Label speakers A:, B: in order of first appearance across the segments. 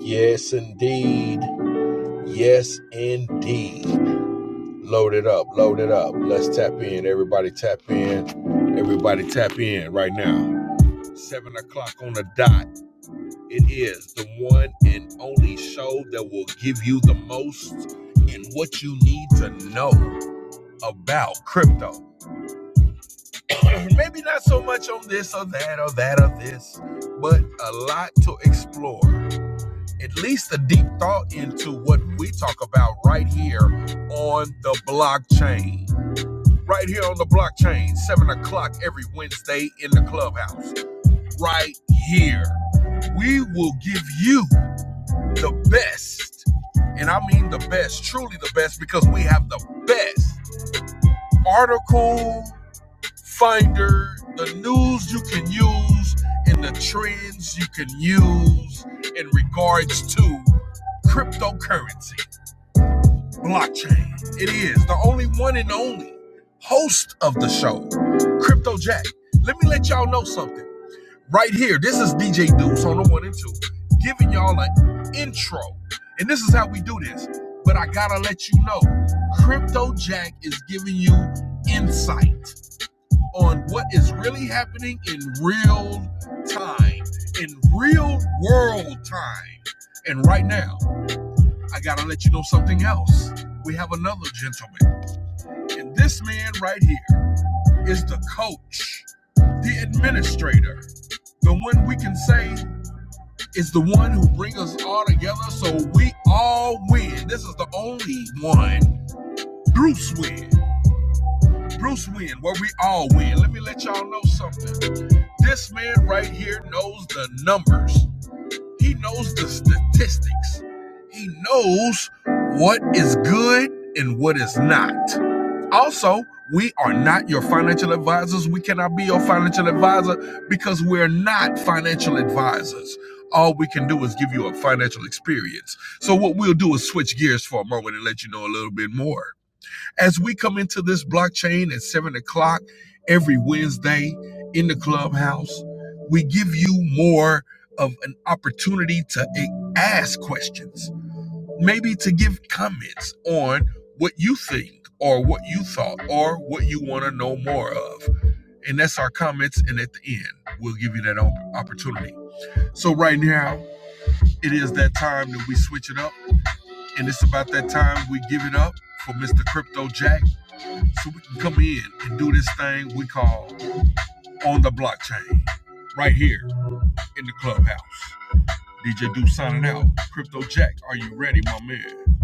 A: Yes, indeed. Yes, indeed. Load it up. Load it up. Let's tap in. Everybody tap in. Everybody tap in right now. Seven o'clock on the dot. It is the one and only show that will give you the most and what you need to know about crypto. Maybe not so much on this or that or that or this, but a lot to explore. at least a deep thought into what we talk about right here on the blockchain. Right here on the blockchain, 7 o'clock every Wednesday in the clubhouse. Right here, we will give you the best, and I mean the best, truly the best, because we have the best article finder, the news you can use, and the trends you can use in regards to cryptocurrency. blockchain. It is the only one and only host of the show, Crypto Jack. Let me let y'all know something right here. This is DJ Deuce on the one and two, giving y'all an intro. And this is how we do this. But I gotta let you know, Crypto Jack is giving you insight on what is really happening in real time, in real world time, and right now. I gotta let you know something else. We have another gentleman, and this man right here is the coach, the administrator, the one we can say is the one who brings us all together so we all win. This is the only one. Bruce win. Bruce win, where we all win. Let me let y'all know something. This man right here knows the numbers. He knows the statistics. He knows what is good and what is not. Also, we are not your financial advisors. We cannot be your financial advisor because we're not financial advisors. All we can do is give you a financial experience. So, what we'll do is switch gears for a moment and let you know a little bit more. As we come into this blockchain at 7 o'clock every Wednesday in the clubhouse, we give you more of an opportunity to eh, ask questions maybe to give comments on what you think or what you thought or what you want to know more of. And that's our comments. And at the end, we'll give you that opportunity. So, right now, it is that time that we switch it up. And it's about that time we give it up for Mr. Crypto Jack so we can come in and do this thing we call on the blockchain right here in the clubhouse. DJ Do signing out. Crypto Jack, are you ready, my man?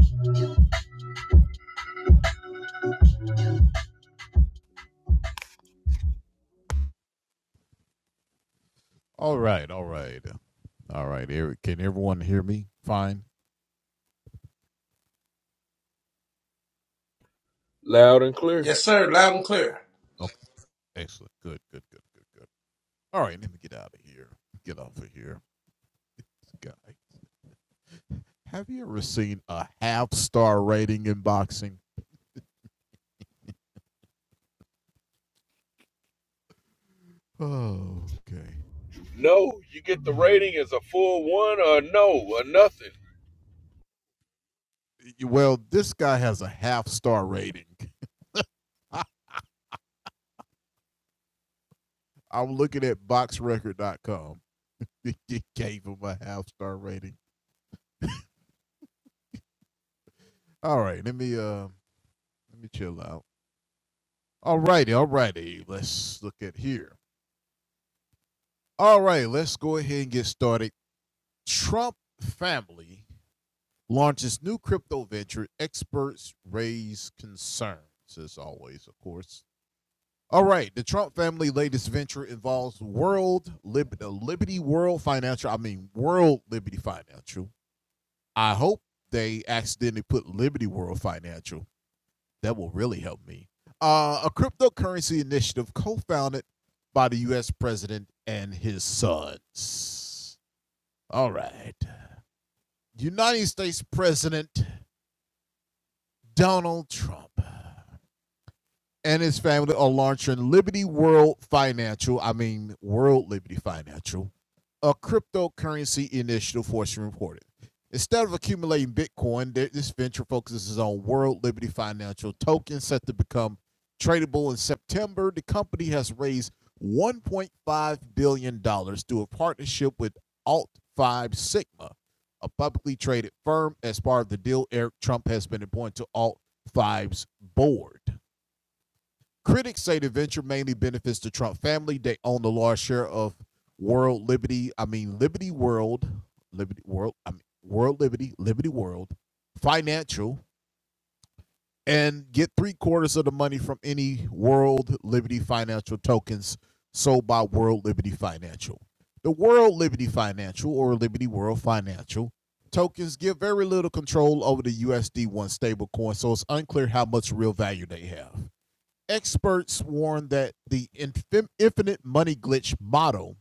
B: All right, all right, all right. Eric, can everyone hear me? Fine.
A: Loud and clear.
C: Yes, sir. Loud and clear.
B: Okay, excellent. Good, good, good, good, good. All right, let me get out of here. Get off of here, guy. Have you ever seen a half star rating in boxing? Oh, okay.
A: No, you get the
B: All right.
A: rating as a full one or a no or nothing.
B: Well, this guy has a half star rating. I'm looking at boxrecord.com. It gave him a half star rating. All right, let me uh let me chill out. All righty, all righty. Let's look at here. All right, let's go ahead and get started. Trump family launches new crypto venture. Experts raise concerns, as always, of course. All right, the Trump family latest venture involves World Lib- uh, Liberty World Financial. I mean, World Liberty Financial. I hope they accidentally put Liberty World Financial. That will really help me. Uh, a cryptocurrency initiative co-founded by the U.S. president and his sons. All right. United States President Donald Trump and his family are launching Liberty World Financial, I mean World Liberty Financial, a cryptocurrency initiative, Fortune reported. Instead of accumulating Bitcoin, this venture focuses on World Liberty Financial tokens set to become tradable in September. The company has raised $1.5 billion dollars through a partnership with Alt 5 Sigma, a publicly traded firm. As part of the deal, Eric Trump has been appointed to Alt Five's board. Critics say the venture mainly benefits the Trump family. They own the large share of World Liberty, I mean Liberty World, Liberty World, I mean World Liberty, Liberty World, Financial, and get three quarters of the money from any World Liberty Financial tokens sold by World Liberty Financial. The World Liberty Financial or Liberty World Financial tokens give very little control over the USD1 stablecoin, so it's unclear how much real value they have. Experts warn that the infin- infinite money glitch model,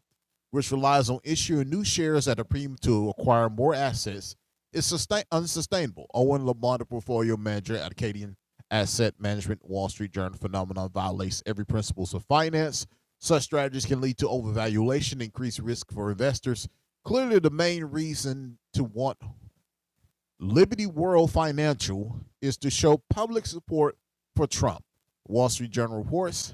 B: which relies on issuing new shares at a premium to acquire more assets, is sustain- unsustainable. Owen Lamont, portfolio manager at Acadian Asset Management, Wall Street Journal phenomenon violates every principles of finance. Such strategies can lead to overvaluation, increased risk for investors. Clearly, the main reason to want Liberty World Financial is to show public support for Trump. Wall Street Journal reports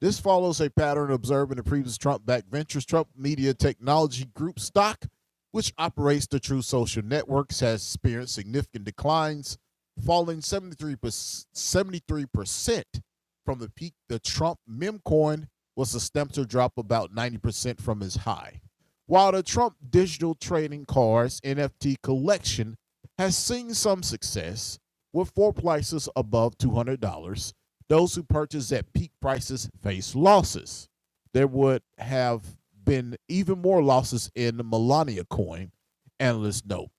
B: this follows a pattern observed in the previous Trump backed ventures, Trump Media Technology Group stock, which operates the True Social Networks, has experienced significant declines, falling 73%, from the peak. The Trump memcoin was a stem to drop about 90% from its high. While the Trump digital trading cards NFT collection has seen some success, with floor prices above $200, those who purchase at peak prices face losses. There would have been even more losses in the Melania coin, analysts note.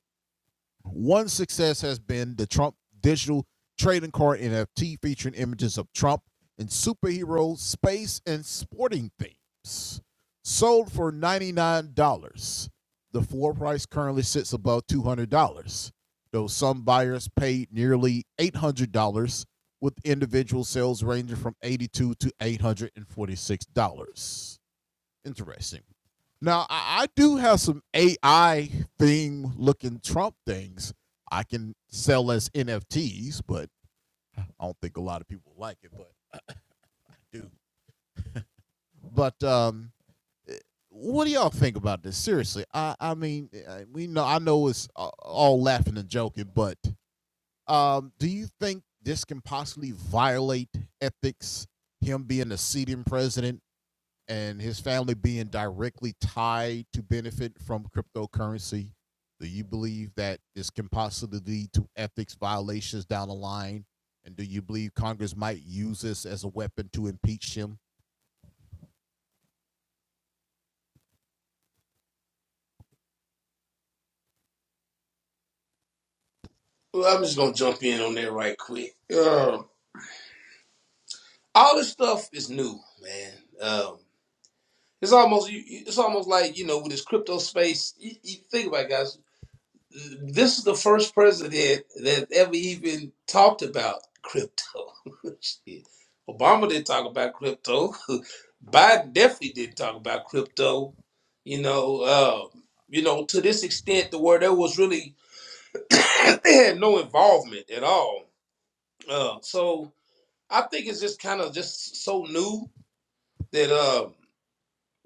B: One success has been the Trump digital trading card NFT featuring images of Trump in superhero, space, and sporting themes. Sold for $99. The floor price currently sits above $200, though some buyers paid nearly $800, with individual sales ranging from $82 to $846. Interesting. Now, I, I do have some AI theme looking Trump things I can sell as NFTs, but I don't think a lot of people like it, but I do. But um, what do y'all think about this? Seriously, I, I mean, uh, we know I know it's all laughing and joking, but um, do you think this can possibly violate ethics? Him being a sitting president and his family being directly tied to benefit from cryptocurrency? Do you believe that this can possibly lead to ethics violations down the line? And do you believe Congress might use this as a weapon to impeach him?
C: Well, I'm just gonna jump in on that right quick. Um, all this stuff is new, man. Um, it's almost you- you- it's almost like you know with this crypto space. You, you think about it, guys. This is the first president that ever even talked about crypto. Shit. Obama didn't talk about crypto. Biden definitely didn't talk about crypto. You know, um, you know, to this extent, to where there was really they had no involvement at all Uh, so I think it's just kind of just so new that uh,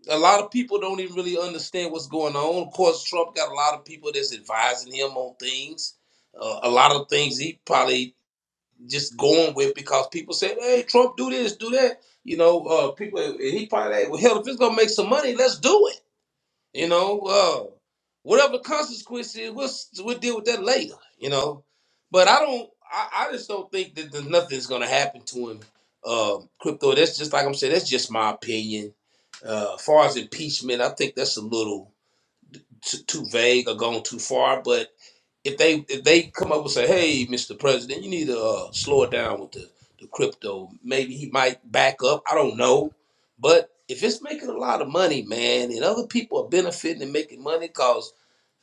C: a lot of people don't even really understand what's going on. Of course, Trump got a lot of people that's advising him on things. Uh, a lot of things he probably just going with because people say, "Hey, Trump, do this, do that." You know, uh, people. and He probably like, well, hell, if it's gonna make some money, let's do it. You know, uh, whatever the consequence is, we'll we'll deal with that later. You know, but I don't. I, I just don't think that there's nothing's gonna happen to him. Um, crypto. That's just like I'm saying. That's just my opinion. Uh, as far as impeachment, I think that's a little too, too vague or gone too far. But if they if they come up and say, "Hey, Mr. President, you need to uh, slow it down with the the crypto," maybe he might back up. I don't know, but if it's making a lot of money, man, and other people are benefiting and making money, cause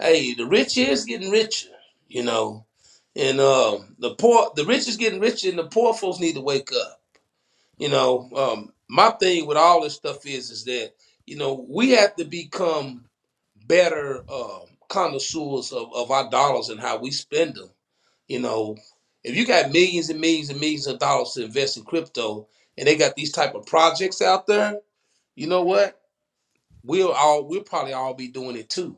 C: hey, the rich is getting richer, you know, and um, the poor, the rich is getting richer, and the poor folks need to wake up. You know, um, my thing with all this stuff is is that you know we have to become better um, connoisseurs of, of our dollars and how we spend them. You know, if you got millions and millions and millions of dollars to invest in crypto, and they got these type of projects out there, you know what? We'll all we'll probably all be doing it too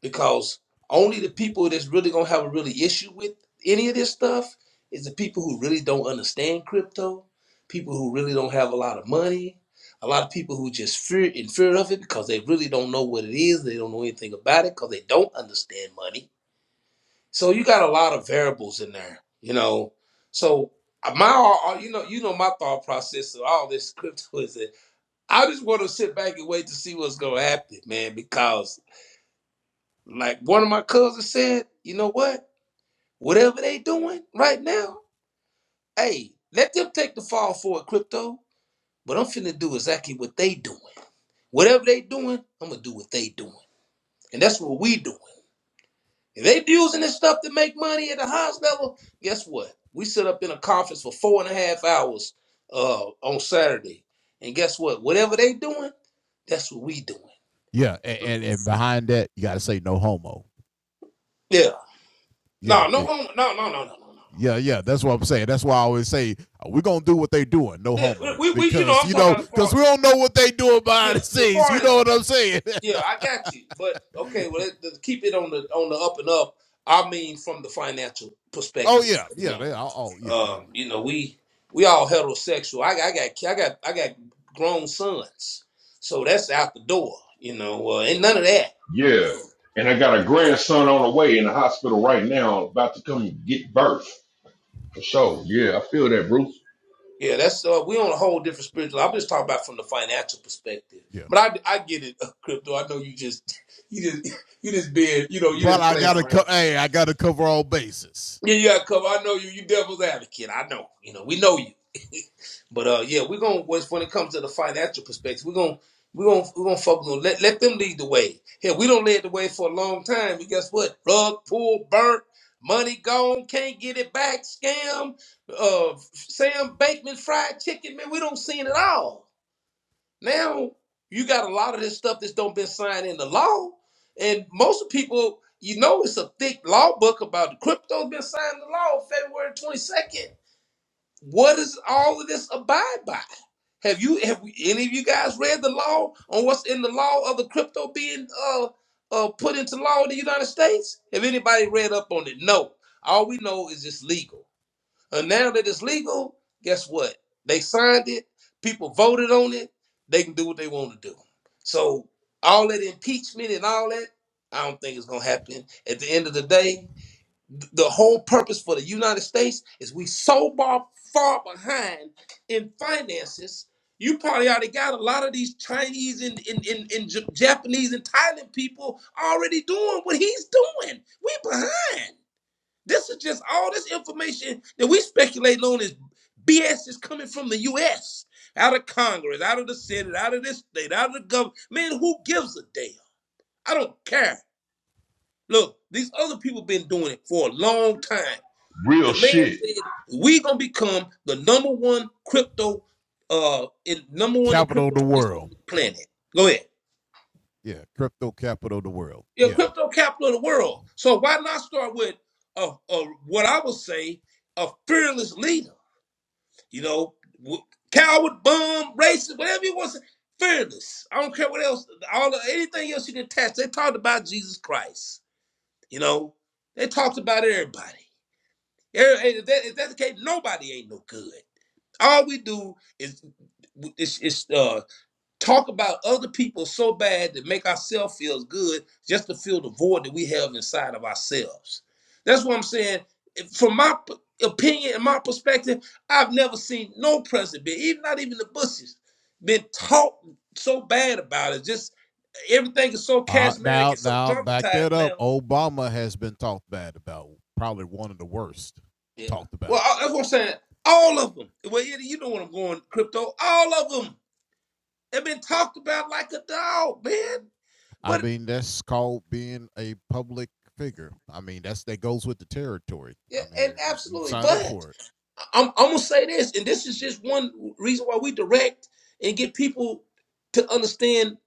C: because only the people that's really gonna have a really issue with any of this stuff is the people who really don't understand crypto, people who really don't have a lot of money, a lot of people who just fear in fear of it because they really don't know what it is, they don't know anything about it because they don't understand money. So you got a lot of variables in there, you know. So uh, my, uh, you know, you know my thought process of all this crypto is that I just want to sit back and wait to see what's gonna happen, man, because like one of my cousins said, you know what? Whatever they doing right now, hey, let them take the fall for it, crypto. But I'm finna do exactly what they doing. Whatever they doing, I'm gonna do what they doing. And that's what we doing. If they using this stuff to make money at the highest level, guess what? We sit up in a conference for four and a half hours uh, on Saturday. And guess what? Whatever they doing, that's what we doing.
B: Yeah, and, and, and behind that, you got to say no homo.
C: Yeah.
B: Yeah,
C: No, no,
B: big,
C: no, no, no, no, no, no. no.
B: yeah, yeah. That's what I'm saying. That's why I always say uh, we're gonna do what they are doing, no
C: Yeah,
B: homo,
C: we, we, you know,
B: because
C: I'm
B: you
C: talking
B: know,
C: about as
B: because
C: far,
B: we don't know what they doing
C: yeah,
B: behind the
C: as
B: scenes.
C: far
B: You
C: as
B: know what I'm saying?
C: Yeah, I got you. But okay, well, let, let keep it on the on the up and up. I mean, from the financial
B: oh
C: perspective,
B: yeah,
C: you
B: yeah.
C: know,
B: They, oh oh, yeah, all
C: um,
B: of
C: you know, we we all heterosexual. I, got- I got I got I got grown sons, so that's out the door, you know. Uh, ain't none of that, you know.
A: And I saw
C: Yeah, that's uh, we on a whole different spiritual. I'm just talking about from the financial perspective.
B: it. Yeah.
C: But I, I get it, crypto. I know you just you just you just being you know you
B: but
C: just
B: I
C: playing
B: gotta
C: around.
B: co- hey, I gotta cover all bases.
C: Yeah, yeah, Cub, I know you. You devil's advocate. I know. You know, we know you. But uh, yeah, we're gonna when when it comes to the financial perspective, we're gonna we're gonna we're gonna focus on let let them lead the way. Here, we don't lead the way for a long time. And guess what? Rug pulled, burnt, money gone, can't get it back, scam, uh, Sam Bateman fried chicken. Man, we don't see it at all. Now you got a lot of this stuff that's don't been signed into law, and most people, you know, it's a thick law book about the crypto been signed into law February twenty second. What is all of this abide by? Have you have we, any of you guys read the law on what's in the law of the crypto being uh uh put into law in the United States? Have anybody read up on it? No. All we know is it's legal. And now that it's legal, guess what? They signed it, people voted on it, they can do what they want to do. So all that impeachment and all that, I don't think it's gonna happen. At the end of the day, th- the whole purpose for the United States is we so far, far behind in finances. You probably already got a lot of these Chinese and, and, and, and J- Japanese and Thailand people already doing what he's doing. We behind. This is just all this information that we speculate, on is BS is coming from the US, out of Congress, out of the Senate, out of this state, out of the government. Man, who gives a damn? I don't care. Look, these other people been doing it for a long time.
A: real
C: The man
A: shit.
C: said we gonna become the number one crypto uh in number one in
B: Capital of
C: crypto
B: the
C: space on
B: world.
C: the planet. Go ahead.
B: Yeah, crypto capital of the world.
C: You're
B: Yeah.
C: crypto capital of the world. So why not start with uh, uh what I would say a fearless leader? You know, w- coward, bum, racist, whatever you want to say. Fearless. I don't care what else, all the, anything else you can attach. They talked about Jesus Christ. You know, they talked about everybody. Every- If that, if that's the case, nobody ain't no good. All we do is, is, is, uh, talk about other people so bad that make ourselves feel good just to fill the void that we have inside of ourselves. That's what I'm saying. From my p- opinion and my perspective, I've never seen no president, even not even the Bushes, been talked so bad about it. Just everything is so
B: Uh,
C: charismatic
B: now
C: and so
B: now back
C: dramatized
B: that up.
C: now.
B: Obama has been talked bad about. Probably one of the worst
C: Yeah.
B: talked
C: Well,
B: about.
C: I- that's what I'm saying. All of them. Well, Eddie, you know what I'm going, crypto. All of them have been talked about like a dog, man.
B: I
C: But.
B: mean, that's called being a public figure. I mean, that's that goes with the territory.
C: Yeah,
B: I
C: and
B: mean, you, you
C: absolutely.
B: sign up
C: But
B: for it.
C: I'm, I'm gonna say this, and this is just one reason why we direct and get people to understand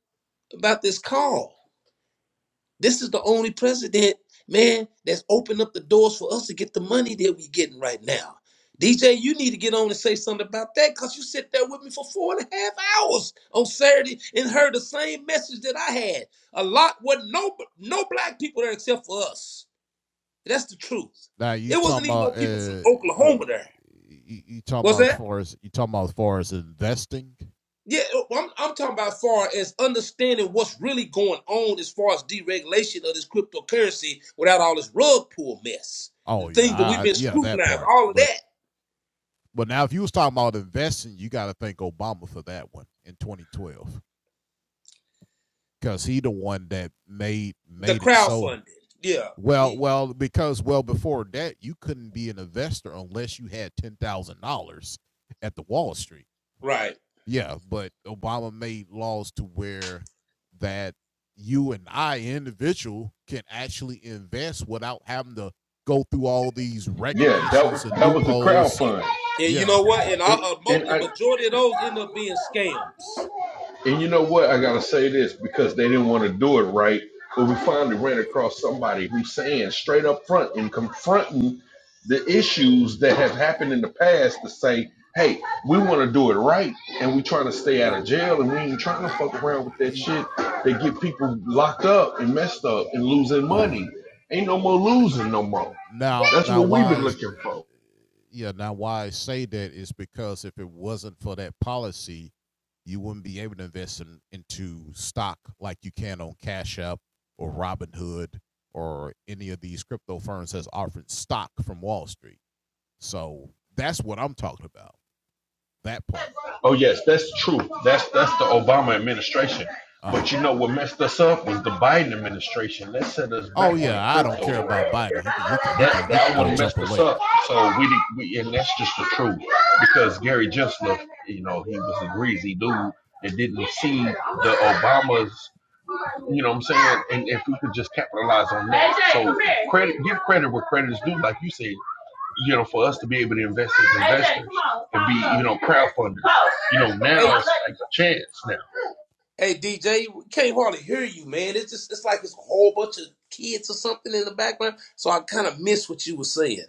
C: about this call. This is the only president, man, that's opened up the doors for us to get the money that we are getting right now. DJ, you need to get on and say something about that because you sit there with me for four and a half hours on Saturday and heard the same message that I had. A lot wasn't no no black people there except for us. That's the truth.
B: Now you
C: It
B: talking
C: wasn't even no
B: about
C: people from
B: uh you,
C: Oklahoma there.
B: you, you talking
C: Was
B: about as
C: that?
B: far as you talking about as far as investing?
C: Yeah, I'm, I'm talking about as far as understanding what's really going on as far as deregulation of this cryptocurrency without all this rug pull mess. The
B: Oh yeah,
C: things that we've
B: I,
C: been
B: yeah, that
C: scrutinized,
B: part.
C: all of
B: But
C: that,
B: But now, if you was talking about investing, you got to thank Obama for that one in 2012, because he the one that made
C: the
B: made it so.
C: crowdfunding. Yeah,
B: Well,
C: he-
B: well, because well before that, you couldn't be an investor unless you had ten thousand dollars at the Wall Street.
C: right.
B: Yeah, but Obama made laws to where that you and I individual can actually invest without having to go through all these
A: Yeah, that was
B: regulations and
A: that was the
B: loopholes.
A: crowdfund.
C: And you
B: Yeah,
C: know what? And I,
A: And
C: uh, mo-
A: and
C: the
A: I.
C: majority of those end up being scams.
A: And you know what? I gotta say this because they didn't want to do it right. But we finally ran across somebody who's saying straight up front and confronting the issues that have happened in the past to say, hey, we want to do it right and we trying to stay out
B: yeah.
A: of jail and we ain't trying to fuck around with that shit
B: E-
A: that get people locked up and messed up and losing
B: Um,
A: money. Ain't no more losing no more.
B: now,
A: That's
B: now,
A: what we've
B: why?
A: been looking for.
B: Yeah, now why I say that is because if it wasn't for that policy, you wouldn't be able to invest in, into stock like you can on Cash App or Robinhood or any of these crypto firms that's offering stock from Wall Street. So that's what I'm talking about. That part.
A: Oh yes, that's true. That's that's the Obama administration.
B: Uh huh.
A: But you know what messed us up was the Biden administration. That set us
B: Oh
A: back in the
B: yeah, I don't
A: crypto
B: care
A: world.
B: about Biden. He can he can he
A: That
B: can he can
A: that
B: go
A: one
B: jump
A: messed
B: a
A: us
B: lake.
A: up. So we did- we and that's just the truth. Because Gary Gensler, you know, he was a greasy dude that didn't see the Obamas. You know what I'm saying? And if we could just capitalize on that, so credit, give credit where credit is due, like you said you know, for us to be able to invest as investors and be, you know, crowdfunders. You know, now
C: Hey,
A: it's like a chance now.
C: hey, DJ, we can't hardly hear you, man. It's just it's like it's a whole bunch of kids or something in the background. So I kind of missed what you were saying.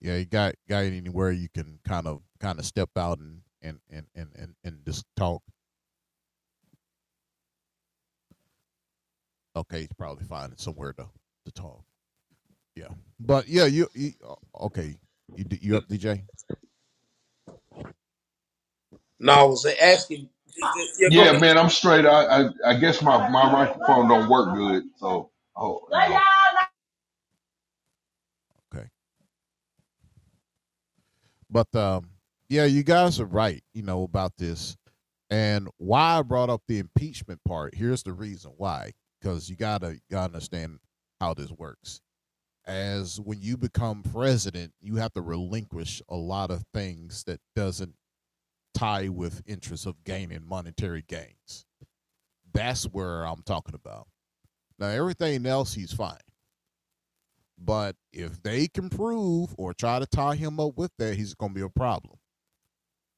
B: yeah, you got got anywhere you can kind of kind of step out and and and and and, and just talk. Okay, he's probably finding somewhere to to talk. Yeah, but yeah, you, you o- okay? You d- you up, DJ?
C: No, I was asking. Yeah, go ahead.
A: Yeah, man, I'm straight. I I, I guess my, my microphone don't work good, so oh. no.
B: Okay, but um, yeah, you guys are right. You know about this and why I brought up the impeachment part. Here's the reason why, because you gotta gotta understand how this works. As when you become president, you have to relinquish a lot of things that doesn't tie with interest of gaining monetary gains. That's where I'm talking about. Now, everything else, he's fine. But if they can prove or try to tie him up with that, he's going to be a problem.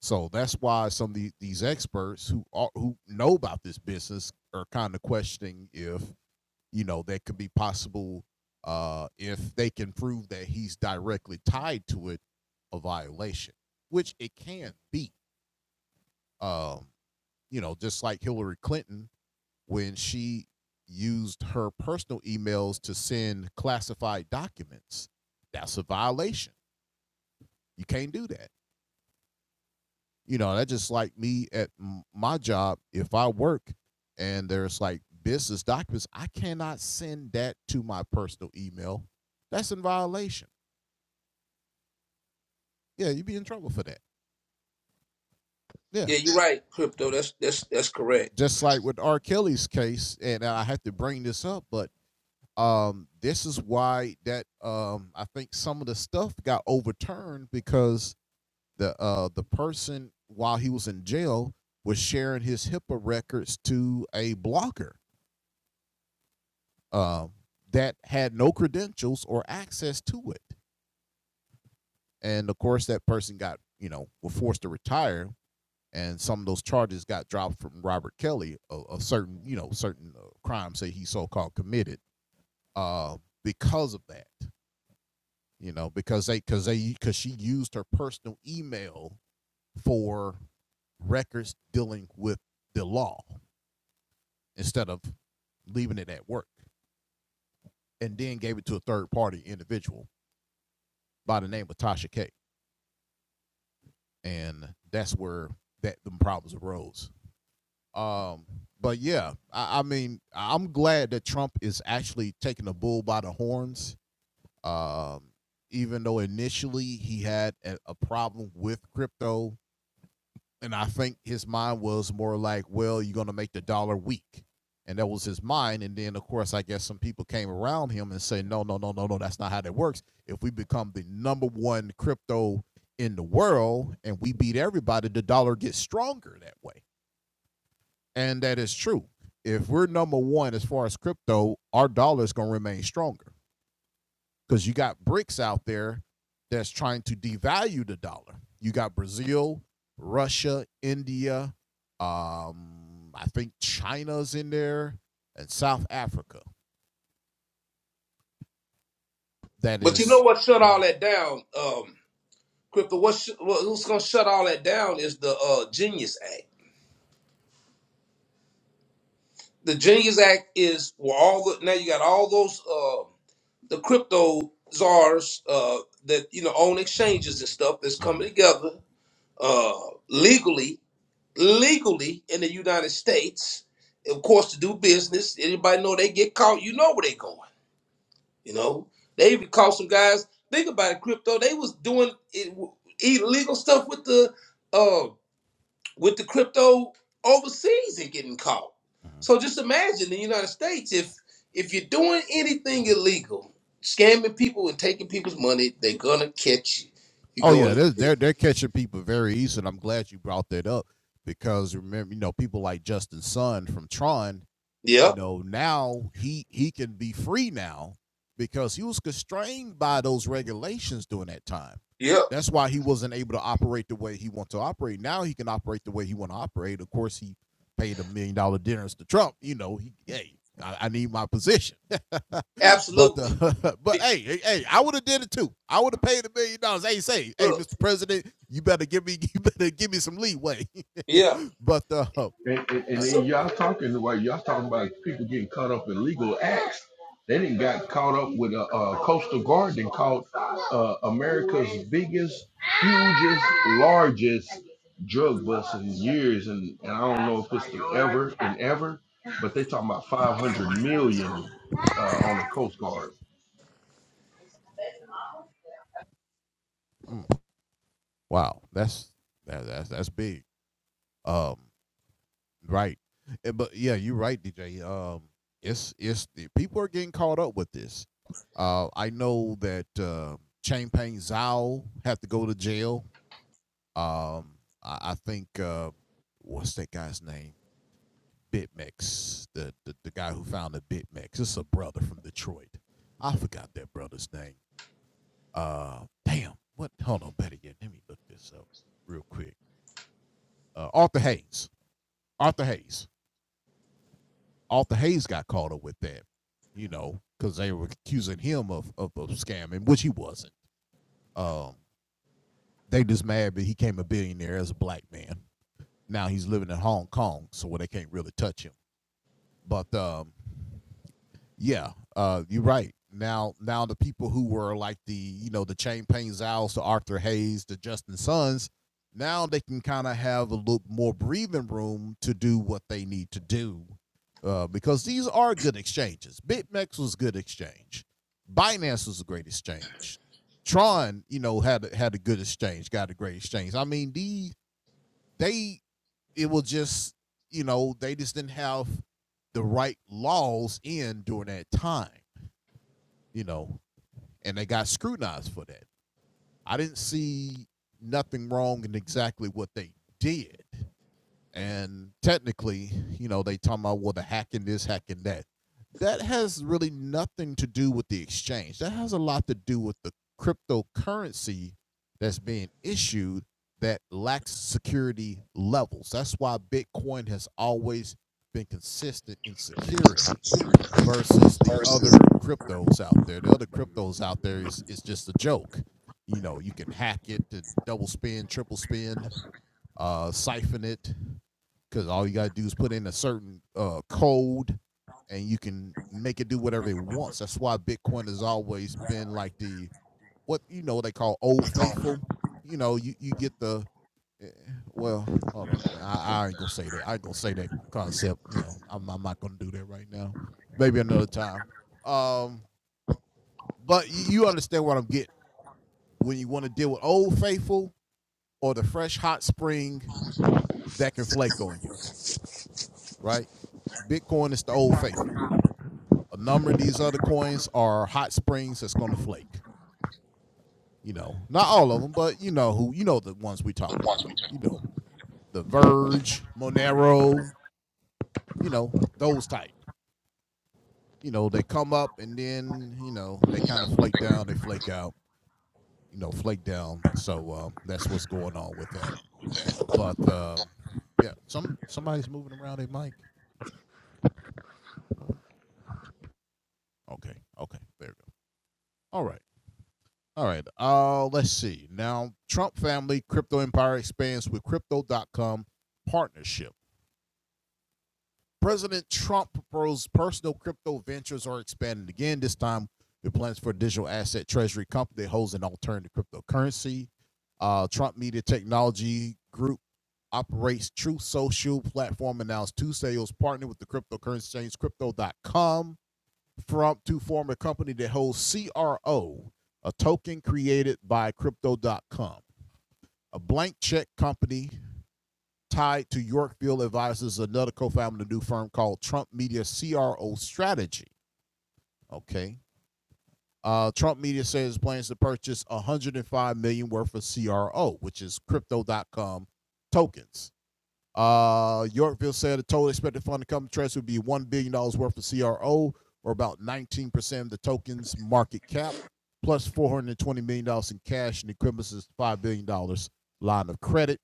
B: So that's why some of the, these experts who are, who know about this business are kind of questioning if you know that could be possible uh, if they can prove that he's directly tied to it, a violation, which it can be. Um, you know, just like Hillary Clinton when she used her personal emails to send classified documents. That's a violation. You can't do that. You know, that's just like me at my job. If I work and there's like business documents, I cannot send that to my personal email. That's in violation. Yeah, you'd be in trouble for that. Yeah.
C: Yeah, you're right, crypto. That's that's that's correct.
B: Just like with R. Kelly's case, and I have to bring this up, but um this is why that um i think some of the stuff got overturned because the uh the person while he was in jail was sharing his hipaa records to a blogger um that had no credentials or access to it and of course that person got you know were forced to retire and some of those charges got dropped from robert kelly a, a certain you know certain uh, crimes that he so-called committed uh because of that you know, because they because they because she used her personal email for records dealing with the law instead of leaving it at work, and then gave it to a third party individual by the name of Tasha K, and that's where that the problems arose. Um, but yeah, I, I mean, I'm glad that Trump is actually taking the bull by the horns. Um, even though initially he had a, a problem with crypto, And I think his mind was more like, well, you're going to make the dollar weak. And that was his mind. And then, of course, I guess some people came around him and say, no, no, no, no, no, that's not how that works. If we become the number one crypto in the world and we beat everybody, the dollar gets stronger that way. And that is true. If we're number one as far as crypto, our dollar is going to remain stronger because you got BRICS out there that's trying to devalue the dollar. You got Brazil, Russia, India, um, I think China's in there, and South Africa. That
C: But you know
B: is-
C: what shut all
B: mhm.
C: that down, um, crypto? What sh- what- what's gonna shut all that down is the uh, Genius Act. The Genius Act is where all the now you got all those uh, the crypto czars uh, that you know own exchanges and stuff that's coming together uh, legally, legally in the United States, of course, to do business. Anybody know they get caught, you know where they going. You know, they even caught some guys. Think about it, crypto. They was doing it, illegal stuff with the uh, with the crypto overseas and getting caught. So just imagine the United States if if you're doing anything illegal, scamming people and taking people's money, they're gonna catch you. You're
B: Oh yeah,
C: going.
B: they're, they're they're catching people very easy, and I'm glad you brought that up because remember, you know, people like Justin Sun from Tron you
C: Yep.
B: know now he he can be free now because he was constrained by those regulations during that time
C: Yep.
B: that's why he wasn't able to operate the way he wanted to operate now he can operate the way he want to operate of course he paid a million dollar dinners to trump you know he hey I, I need my position, but
C: Absolutely.
B: uh, but
C: Big
B: hey, hey, hey, I would have did it too. I would have paid a million dollars. Hey, say, hey,
C: look.
B: Mr. President, you better give me, you better give me some leeway.
C: Yeah.
B: but uh,
A: And, and, and
B: uh,
A: then
C: So
A: y'all talking about y'all talking about people getting caught up in legal acts. They didn't got caught up with a, uh coastal guard and caught uh, America's biggest, hugest, largest drug bust in years. And, and I don't know if it's the ever and ever, but they talking about 500 million uh, on the coast guard.
B: mm. Wow, that's that, that's that's big. Um, right, Eh, but yeah, you're right, DJ. Um, it's it's the, people are getting caught up with this. Uh, I know that uh, Chain Zhao had to go to jail. Um, I, I think uh, what's that guy's name? BitMEX, the, the the guy who founded BitMEX. It's a brother from Detroit. I forgot that brother's name. Uh, damn. What? Hold on, better yet, let me look this up real quick. Uh, Arthur Hayes. Arthur Hayes. Arthur Hayes got caught up with that, you know, because they were accusing him of, of of scamming, which he wasn't. Um, they just mad that he became a billionaire as a black man. Now he's living in Hong Kong, so where they can't really touch him. But um, Yeah, uh, you're right. Now, now the people who were like the you know the Champagne Payne Zales, the Arthur Hayes, the Justin Sons, now they can kind of have a little more breathing room to do what they need to do, uh, because these are good exchanges. BitMEX was a good exchange. Binance was a great exchange. Tron, you know, had a- had a good exchange, got a great exchange. I mean, the they it was just you know they just didn't have the right laws in during that time you know, and they got scrutinized for that. I didn't see nothing wrong in exactly what they did. And technically, you know, they talking about well the hacking this, hacking that. That has really nothing to do with the exchange. That has a lot to do with the cryptocurrency that's being issued that lacks security levels. That's why Bitcoin has always been consistent in security versus the other cryptos out there. The other cryptos out there is is just a joke. You know, you can hack it and double spin, triple spin, uh, siphon it, because all you gotta do is put in a certain uh, code, and you can make it do whatever it wants. That's why Bitcoin has always been like the what you know they call old faithful. You know, you you get the eh, well, hold on. Nah, I, I ain't gonna say that. I ain't gonna say that concept. You know, I'm, I'm not gonna do that right now. Maybe another time. Um, but you, you understand what I'm getting when you want to deal with Old Faithful or the fresh hot spring that can flake on you, right? Bitcoin is the Old Faithful. A number of these other coins are hot springs that's gonna flake. You know, not all of them, but you know who, you know the ones we talking about. You know, the Verge, Monero, you know those type. you know, they come up and then, you know, they kind of flake down, they flake out, you know, flake down. So um, that's what's going on with that. But um, yeah, some somebody's moving around their mic. Okay, okay, there we go. All right, all right. Uh, let's see. Now, Trump family crypto empire expands with crypto.com partnership. President Trump proposed personal crypto ventures are expanded again, this time with plans for a digital asset treasury company that holds an alternative cryptocurrency. Uh, Trump Media Technology Group operates True Social platform announced Tuesday it was partnered with the cryptocurrency exchange Crypto dot com from to form a company that holds CRO, a token created by Crypto. dot com, a blank check company tied to Yorkville Advisors, another co-founder of the new firm called Trump Media CRO Strategy. Okay. Uh, Trump Media says plans to purchase 105 million dollars worth of CRO, which is crypto.com tokens. Uh, Yorkville said the total expected fund to come to Treasury would be $1 billion dollars worth of CRO, or about 19% of the token's market cap, $420 million dollars in cash and equivalents to $5 billion dollars line of credit.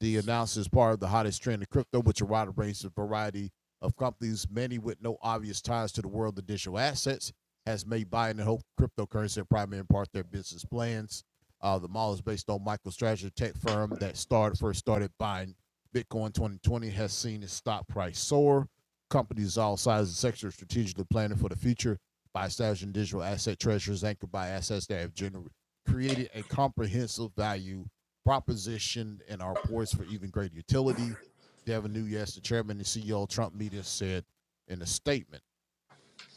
B: The announcement is part of the hottest trend in crypto, which a wide range of variety of companies, many with no obvious ties to the world of digital assets, has made buying and hope cryptocurrency a primary part of their business plans. Uh, the model is based on MicroStrategy tech firm that started first started buying Bitcoin 2020 has seen its stock price soar. Companies all sizes and sectors strategically planning for the future by establishing digital asset treasuries anchored by assets that have generated created a comprehensive value propositioned and are poised for even greater utility. Devin Nunez, the chairman and CEO of Trump Media, said in a statement.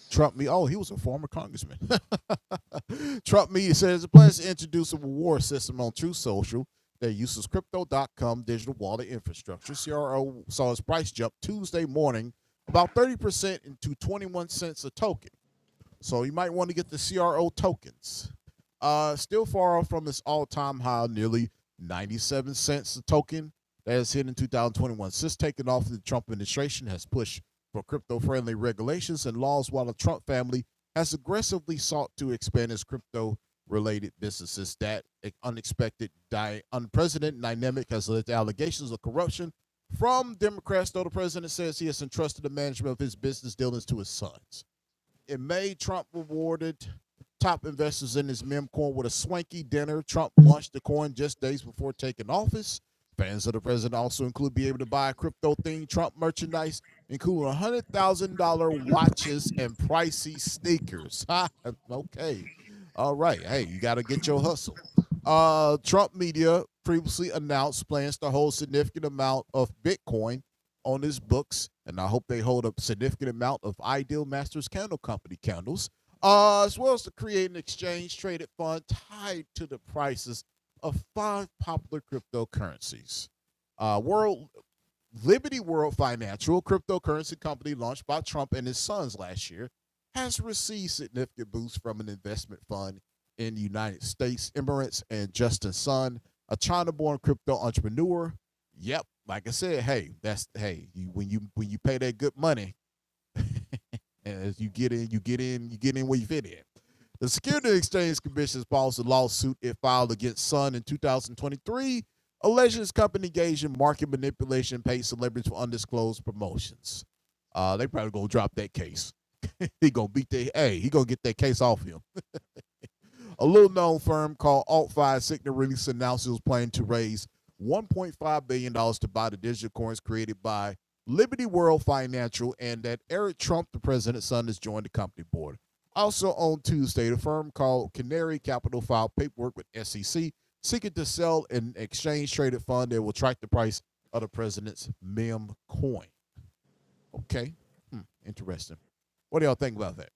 B: Trump Media, oh, he was a former congressman. Trump Media says it plans to introduce a reward system on True Social that uses crypto.com digital wallet infrastructure. CRO saw its price jump Tuesday morning about 30% into 21 cents a token. So you might want to get the CRO tokens. Uh, still far off from its all-time high, nearly 97 cents a token that is hit in 2021. Since taking off, the Trump administration has pushed for crypto-friendly regulations and laws, while the Trump family has aggressively sought to expand its crypto-related businesses. That unexpected, di- unprecedented dynamic has led to allegations of corruption from Democrats, though the president says he has entrusted the management of his business dealings to his sons. In May, Trump rewarded top investors in his meme coin with a swanky dinner. Trump launched the coin just days before taking office. Fans of the president also include being able to buy crypto themed Trump merchandise, including $100,000 watches and pricey sneakers. okay. All right. Hey, you got to get your hustle. Uh, Trump media previously announced plans to hold significant amount of Bitcoin on his books, and I hope they hold a significant amount of Ideal Masters Candle Company candles, uh, as well as to create an exchange traded fund tied to the prices of five popular cryptocurrencies. Uh, world Liberty World Financial, a cryptocurrency company launched by Trump and his sons last year, has received significant boosts from an investment fund in the United States. Emirates and Justin Sun, a China-born crypto entrepreneur. Yep, like I said, hey, that's hey, you, when you when you pay that good money, and as you get in, you get in, you get in where you fit in. The Securities Exchange Commission files a lawsuit it filed against Sun in 2023, alleging its company engaged in market manipulation, paid celebrities for undisclosed promotions. Uh, they probably gonna drop that case. he gonna beat that. Hey, he gonna get that case off him. A little known firm called AltFi 5 Signet released announced it was planning to raise $1.5 billion dollars to buy the digital coins created by Liberty World Financial and that Eric Trump, the president's son, has joined the company board. Also on Tuesday, the firm called Canary Capital filed paperwork with SEC seeking to sell an exchange traded fund that will track the price of the president's meme coin. Okay. Hmm, interesting. What do y'all think about that?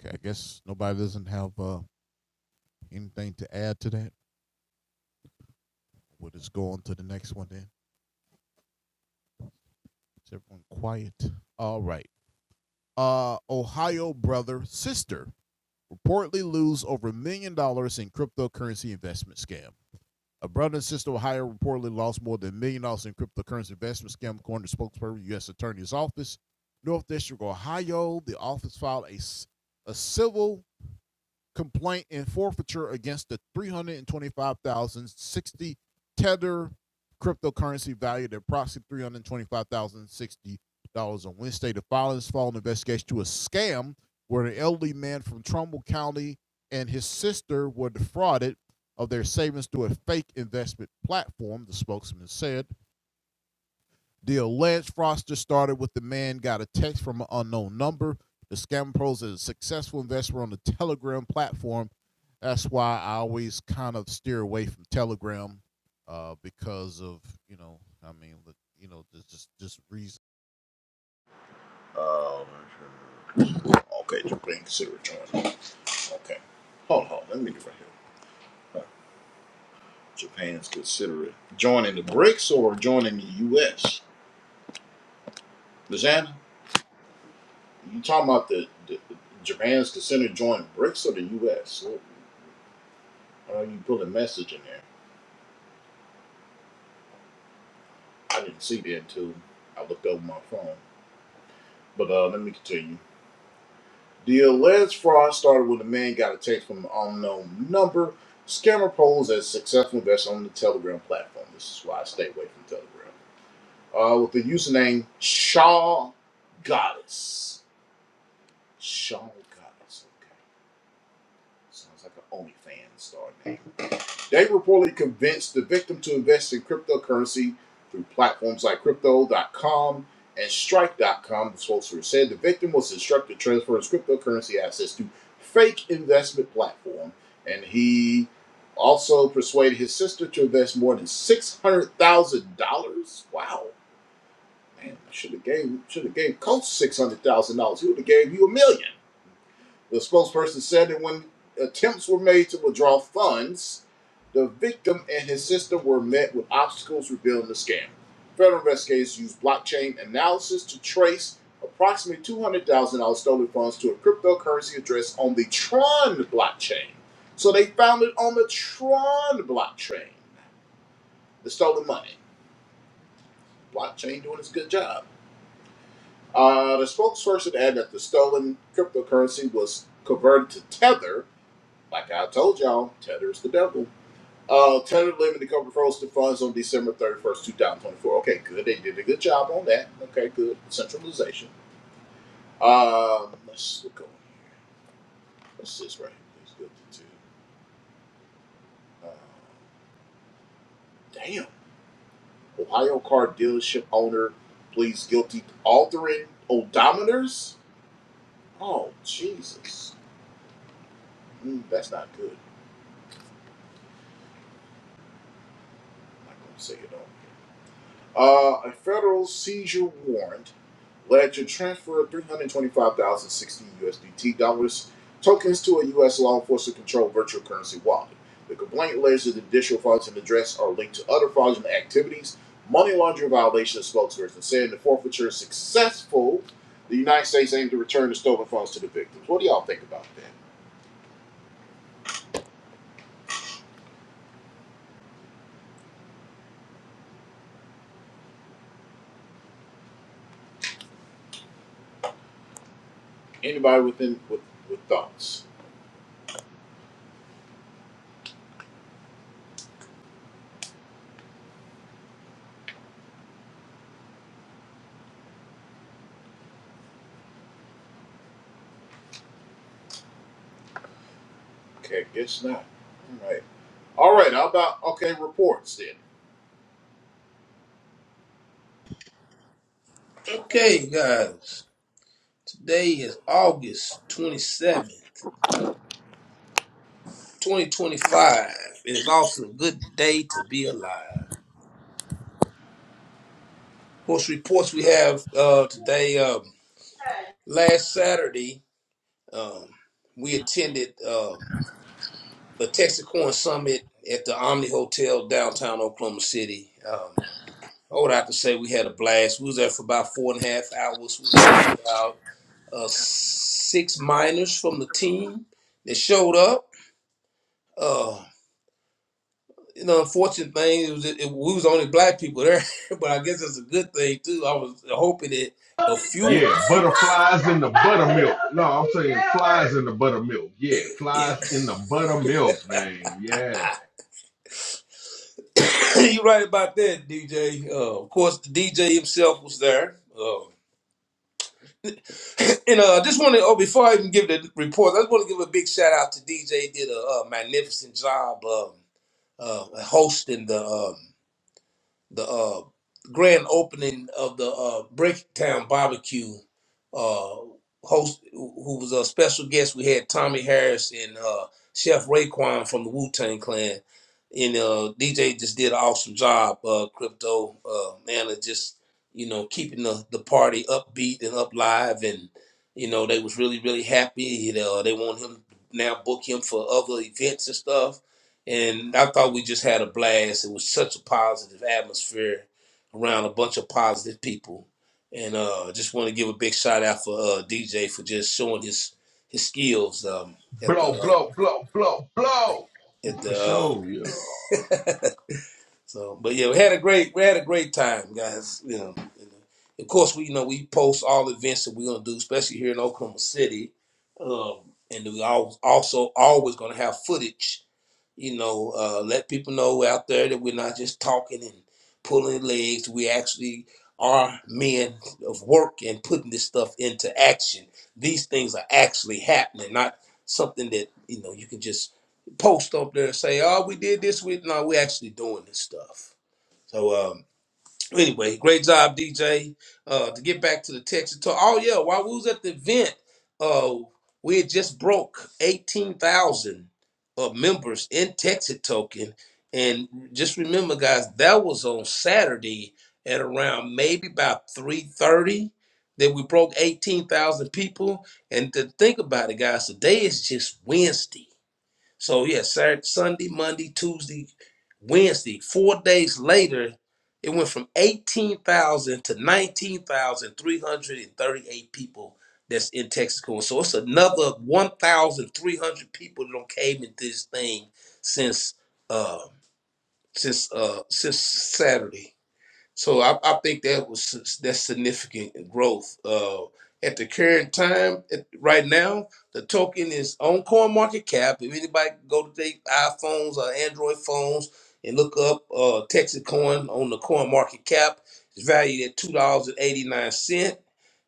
B: Okay, I guess nobody doesn't have uh, anything to add to that. We'll just go on to the next one then. Is everyone quiet? All right. Uh, Ohio brother sister reportedly lose over a million dollars in cryptocurrency investment scam. A brother and sister in Ohio reportedly lost more than a million dollars in cryptocurrency investment scam, according to spokesperson U.S. Attorney's Office, North District, Ohio. The office filed a a civil complaint and forfeiture against the 325,060 Tether cryptocurrency valued at approximately $325,060 on Wednesday. The filings follow an investigation to a scam where an elderly man from Trumbull County and his sister were defrauded of their savings through a fake investment platform, the spokesman said. The alleged fraudster started with the man got a text from an unknown number. The scam pros is a successful investor on the Telegram platform. That's why I always kind of steer away from Telegram uh, because of you know I mean you know there's just just reason. Uh, okay, Japan consider joining. Okay, hold on, let me do it right here. Japan's considering joining the BRICS or joining the U.S. Lizanna? You talking about the, the Japan's consent to join BRICS or the U.S.? What- Why are you put a message in there? I didn't see that until I looked over my phone. But uh, let me continue. The alleged fraud started when the man got a text from an unknown number. Scammer posed as successful investor on the Telegram platform. This is why I stay away from Telegram. Uh, with the username Shaw Goddess. Shaw Goddess. Okay, sounds like an OnlyFans star name. They reportedly convinced the victim to invest in cryptocurrency through platforms like Crypto. dot com and Strike. dot com. the spokesperson said. The victim was instructed to transfer his cryptocurrency assets to fake investment platform, and he also persuaded his sister to invest more than six hundred thousand dollars. Wow, man, should have gave should have gave Coach six hundred thousand dollars. He would have gave you a million. The spokesperson said that when attempts were made to withdraw funds, the victim and his sister were met with obstacles revealing the scam. Federal investigators used blockchain analysis to trace approximately $200,000 stolen funds to a cryptocurrency address on the Tron blockchain. So they found it on the Tron blockchain, the stolen money. Blockchain doing its good job. Uh, the spokesperson added that the stolen cryptocurrency was converted to Tether, Like I told y'all, Tether's the devil. Uh, Tether limited covered frozen funds on December 31st, 2024. Okay, good. They did a good job on that. Okay, good. Centralization. Um, let's look over here. What's this right here? Please guilty to. Uh, damn. Ohio car dealership owner pleads guilty to altering odometers? Oh, Jesus. Mm, that's not good. I'm not going to say it all. Uh, a federal seizure warrant led to transfer of 325,060 USDT dollars tokens to a U.S. law enforcement controlled virtual currency wallet. The complaint alleges that the additional funds and address are linked to other fraudulent activities, money laundering violations, a spokesperson said. The forfeiture is successful. The United States aimed to return the stolen funds to the victims. What do y'all think about that? Anybody within with, with thoughts? Okay, guess not. All right. All right. How about okay reports then?
C: okay, guys. Today is August 27th. 2025. It is also a good day to be alive. Of course, reports we have uh, today. Um, last Saturday, um, we attended um, the Texacoin Summit at the Omni Hotel downtown Oklahoma City. Um, all I can say, we had a blast. We was there for about four and a half hours. We had about uh, six miners from the team that showed up. Uh, you know, unfortunate thing it was it, we was only black people there, but I guess it's a good thing too. I was hoping that a few.
A: Yeah, butterflies in the buttermilk. No, I'm saying flies in the buttermilk. Yeah,
C: yeah,
A: flies in the buttermilk, man. Yeah.
C: you are right about that, DJ. Uh, of course, the DJ himself was there. Uh, and uh, I just want to, oh, before I even give the report, I just want to give a big shout out to DJ. He did a, uh magnificent job um, uh, hosting the. um, the uh, grand opening of the uh, Bricktown Barbecue. Uh, host who was a special guest. We had Tommy Harris and uh, Chef Raekwon from the Wu Tang Clan, and uh, DJ just did an awesome job. Uh, crypto uh, man, of just you know keeping the the party upbeat and up live, and you know they was really really happy. You know they want him now book him for other events and stuff and I thought we just had a blast. It was such a positive atmosphere around a bunch of positive people, and uh, just want to give a big shout out for uh, DJ for just showing his his skills um, at the
A: Blow, blow,
C: uh,
A: blow, blow, blow.
C: at
A: For
C: the.
A: sure, yeah.
C: Uh, so, but yeah, we had a great we had a great time, guys. You know, and, uh, of course we you know we post all events that we're gonna do, especially here in Oklahoma City, um, and we al- also always gonna have footage you know, uh, let people know out there that we're not just talking and pulling legs. We actually are men of work and putting this stuff into action. These things are actually happening, not something that you know you can just post up there and say, "Oh, we did this." With no, we're actually doing this stuff. So, um, anyway, great job, DJ. Uh, to get back to the Texas talk. Oh yeah, while we was at the event, uh, we had just broke eighteen thousand uh, members in Texas token, and just remember, guys, that was on Saturday at around maybe about three thirty that we broke eighteen thousand people. And to think about it, guys, today is just Wednesday. So yeah, Saturday, Sunday, Monday, Tuesday, Wednesday. Four days later, it went from eighteen thousand to nineteen thousand three hundred and thirty-eight people that's in Texaco. So it's another one thousand three hundred people that don't came into this thing since uh since uh since Saturday. So I, I think that was that's significant growth. Uh, at the current time, at, right now, the token is on CoinMarketCap. market cap. If anybody can go to their iPhones or Android phones and look up uh, Texacoin on the CoinMarketCap, market cap, it's valued at two dollars and eighty nine cent.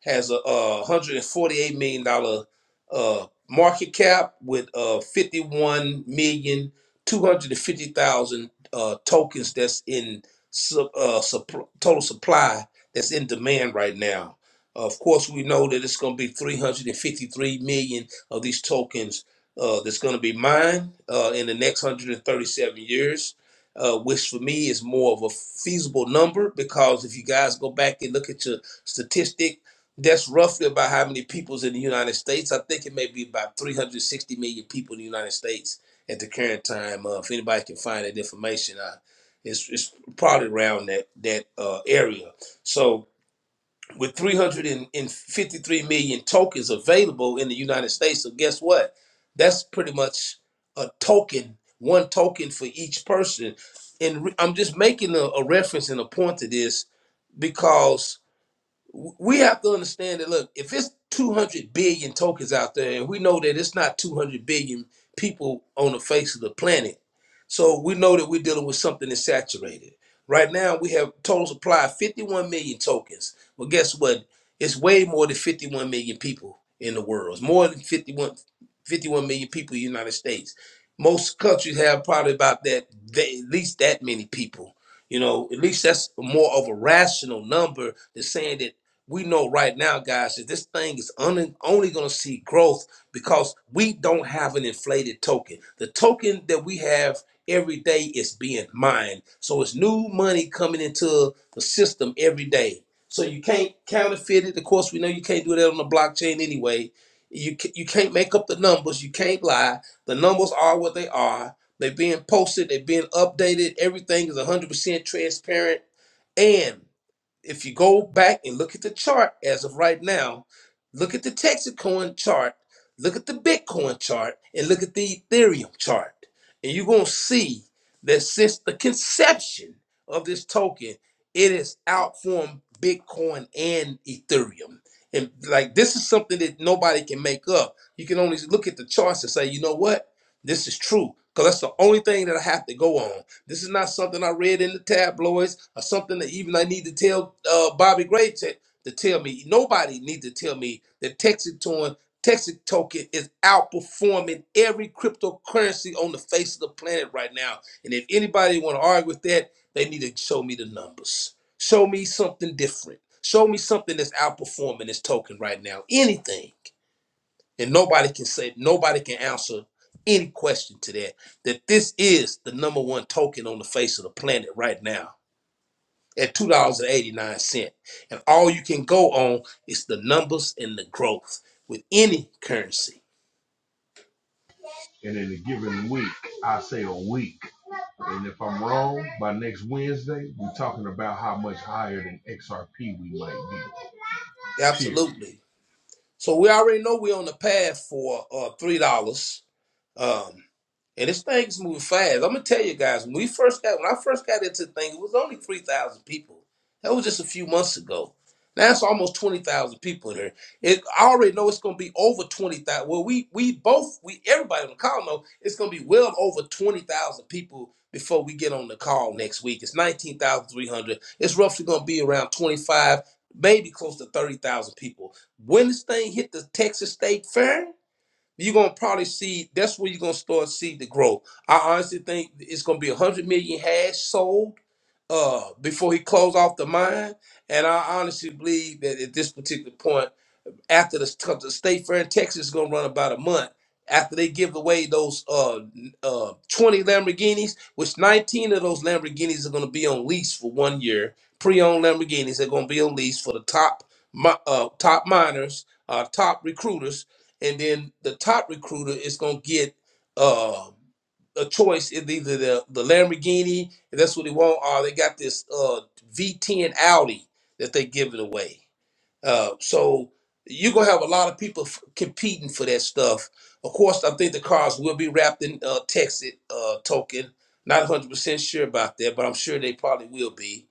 C: Has a uh, hundred and forty eight million dollar uh, market cap with uh, fifty one million two hundred and fifty thousand uh, tokens that's in su- uh, supp- total supply that's in demand right now. Of course, we know that it's going to be 353 million of these tokens uh, that's going to be mined uh, in the next 137 years, uh, which for me is more of a feasible number because if you guys go back and look at your statistic, that's roughly about how many people's in the United States. I think it may be about 360 million people in the United States at the current time. Uh, if anybody can find that information, uh, it's it's probably around that that uh, area. So with 353 million tokens available in the United States, so guess what? That's pretty much a token, one token for each person. And re- I'm just making a, a reference and a point to this because we have to understand that look if it's 200 billion tokens out there and we know that it's not 200 billion people on the face of the planet so we know that we're dealing with something that's saturated right now we have total supply of 51 million tokens well guess what it's way more than 51 million people in the world it's more than fifty-one, fifty-one million people in the united states most countries have probably about that they, at least that many people you know at least that's more of a rational number than saying that we know right now, guys, that this thing is un- only going to see growth because we don't have an inflated token. The token that we have every day is being mined. So it's new money coming into the system every day. So you can't counterfeit it. Of course, we know you can't do that on the blockchain anyway. You, ca- you can't make up the numbers. You can't lie. The numbers are what they are. They're being posted. They're being updated. Everything is 100% transparent if you go back and look at the chart as of right now, look at the Texacoin chart, look at the Bitcoin chart, and look at the Ethereum chart. And you're going to see that since the conception of this token, it has outformed Bitcoin and Ethereum. And like this is something that nobody can make up. You can only look at the charts and say, you know what? This is true. Because that's the only thing that I have to go on. This is not something I read in the tabloids or something that even I need to tell uh, Bobby Gray to, to tell me. Nobody needs to tell me that Texitoin, Texas token is outperforming every cryptocurrency on the face of the planet right now. And if anybody want to argue with that, they need to show me the numbers. Show me something different. Show me something that's outperforming this token right now. Anything. And nobody can say, nobody can answer any question to that. That this is the number one token on the face of the planet right now at $2.89. And eighty-nine cents. And all you can go on is the numbers and the growth with any currency.
A: And in a given week, I say a week. And if I'm wrong, by next Wednesday, we're talking about how much higher than XRP we might be. Period.
C: Absolutely. So we already know we're on the path for uh, $3. Um, and this thing's moving fast. I'm gonna tell you guys, when we first got when I first got into the thing, it was only three thousand people. That was just a few months ago. Now it's almost twenty thousand people in here. It I already know it's gonna be over twenty thousand. Well, we we both we everybody on the call know it's gonna be well over twenty thousand people before we get on the call next week. It's nineteen thousand three hundred. It's roughly gonna be around twenty five, maybe close to thirty thousand people. When this thing hit the Texas State Fair, you're gonna probably see that's where you're gonna start see the growth. I honestly think it's gonna be a hundred million hash sold uh before he closed off the mine. And I honestly believe that at this particular point after the, the state fair in Texas is gonna run about a month. After they give away those uh, uh, 20 Lamborghinis, which 19 of those Lamborghinis are gonna be on lease for one year. Pre-owned Lamborghinis are gonna be on lease for the top mi- uh, top miners, uh, top recruiters, and then the top recruiter is gonna get uh, a choice in either the, the Lamborghini, if that's what they want, or they got this uh, V10 Audi that they giving away. Uh, so you're gonna have a lot of people f- competing for that stuff. Of course, I think the cars will be wrapped in uh, Texas uh, token. Not 100 percent sure about that, but I'm sure they probably will be.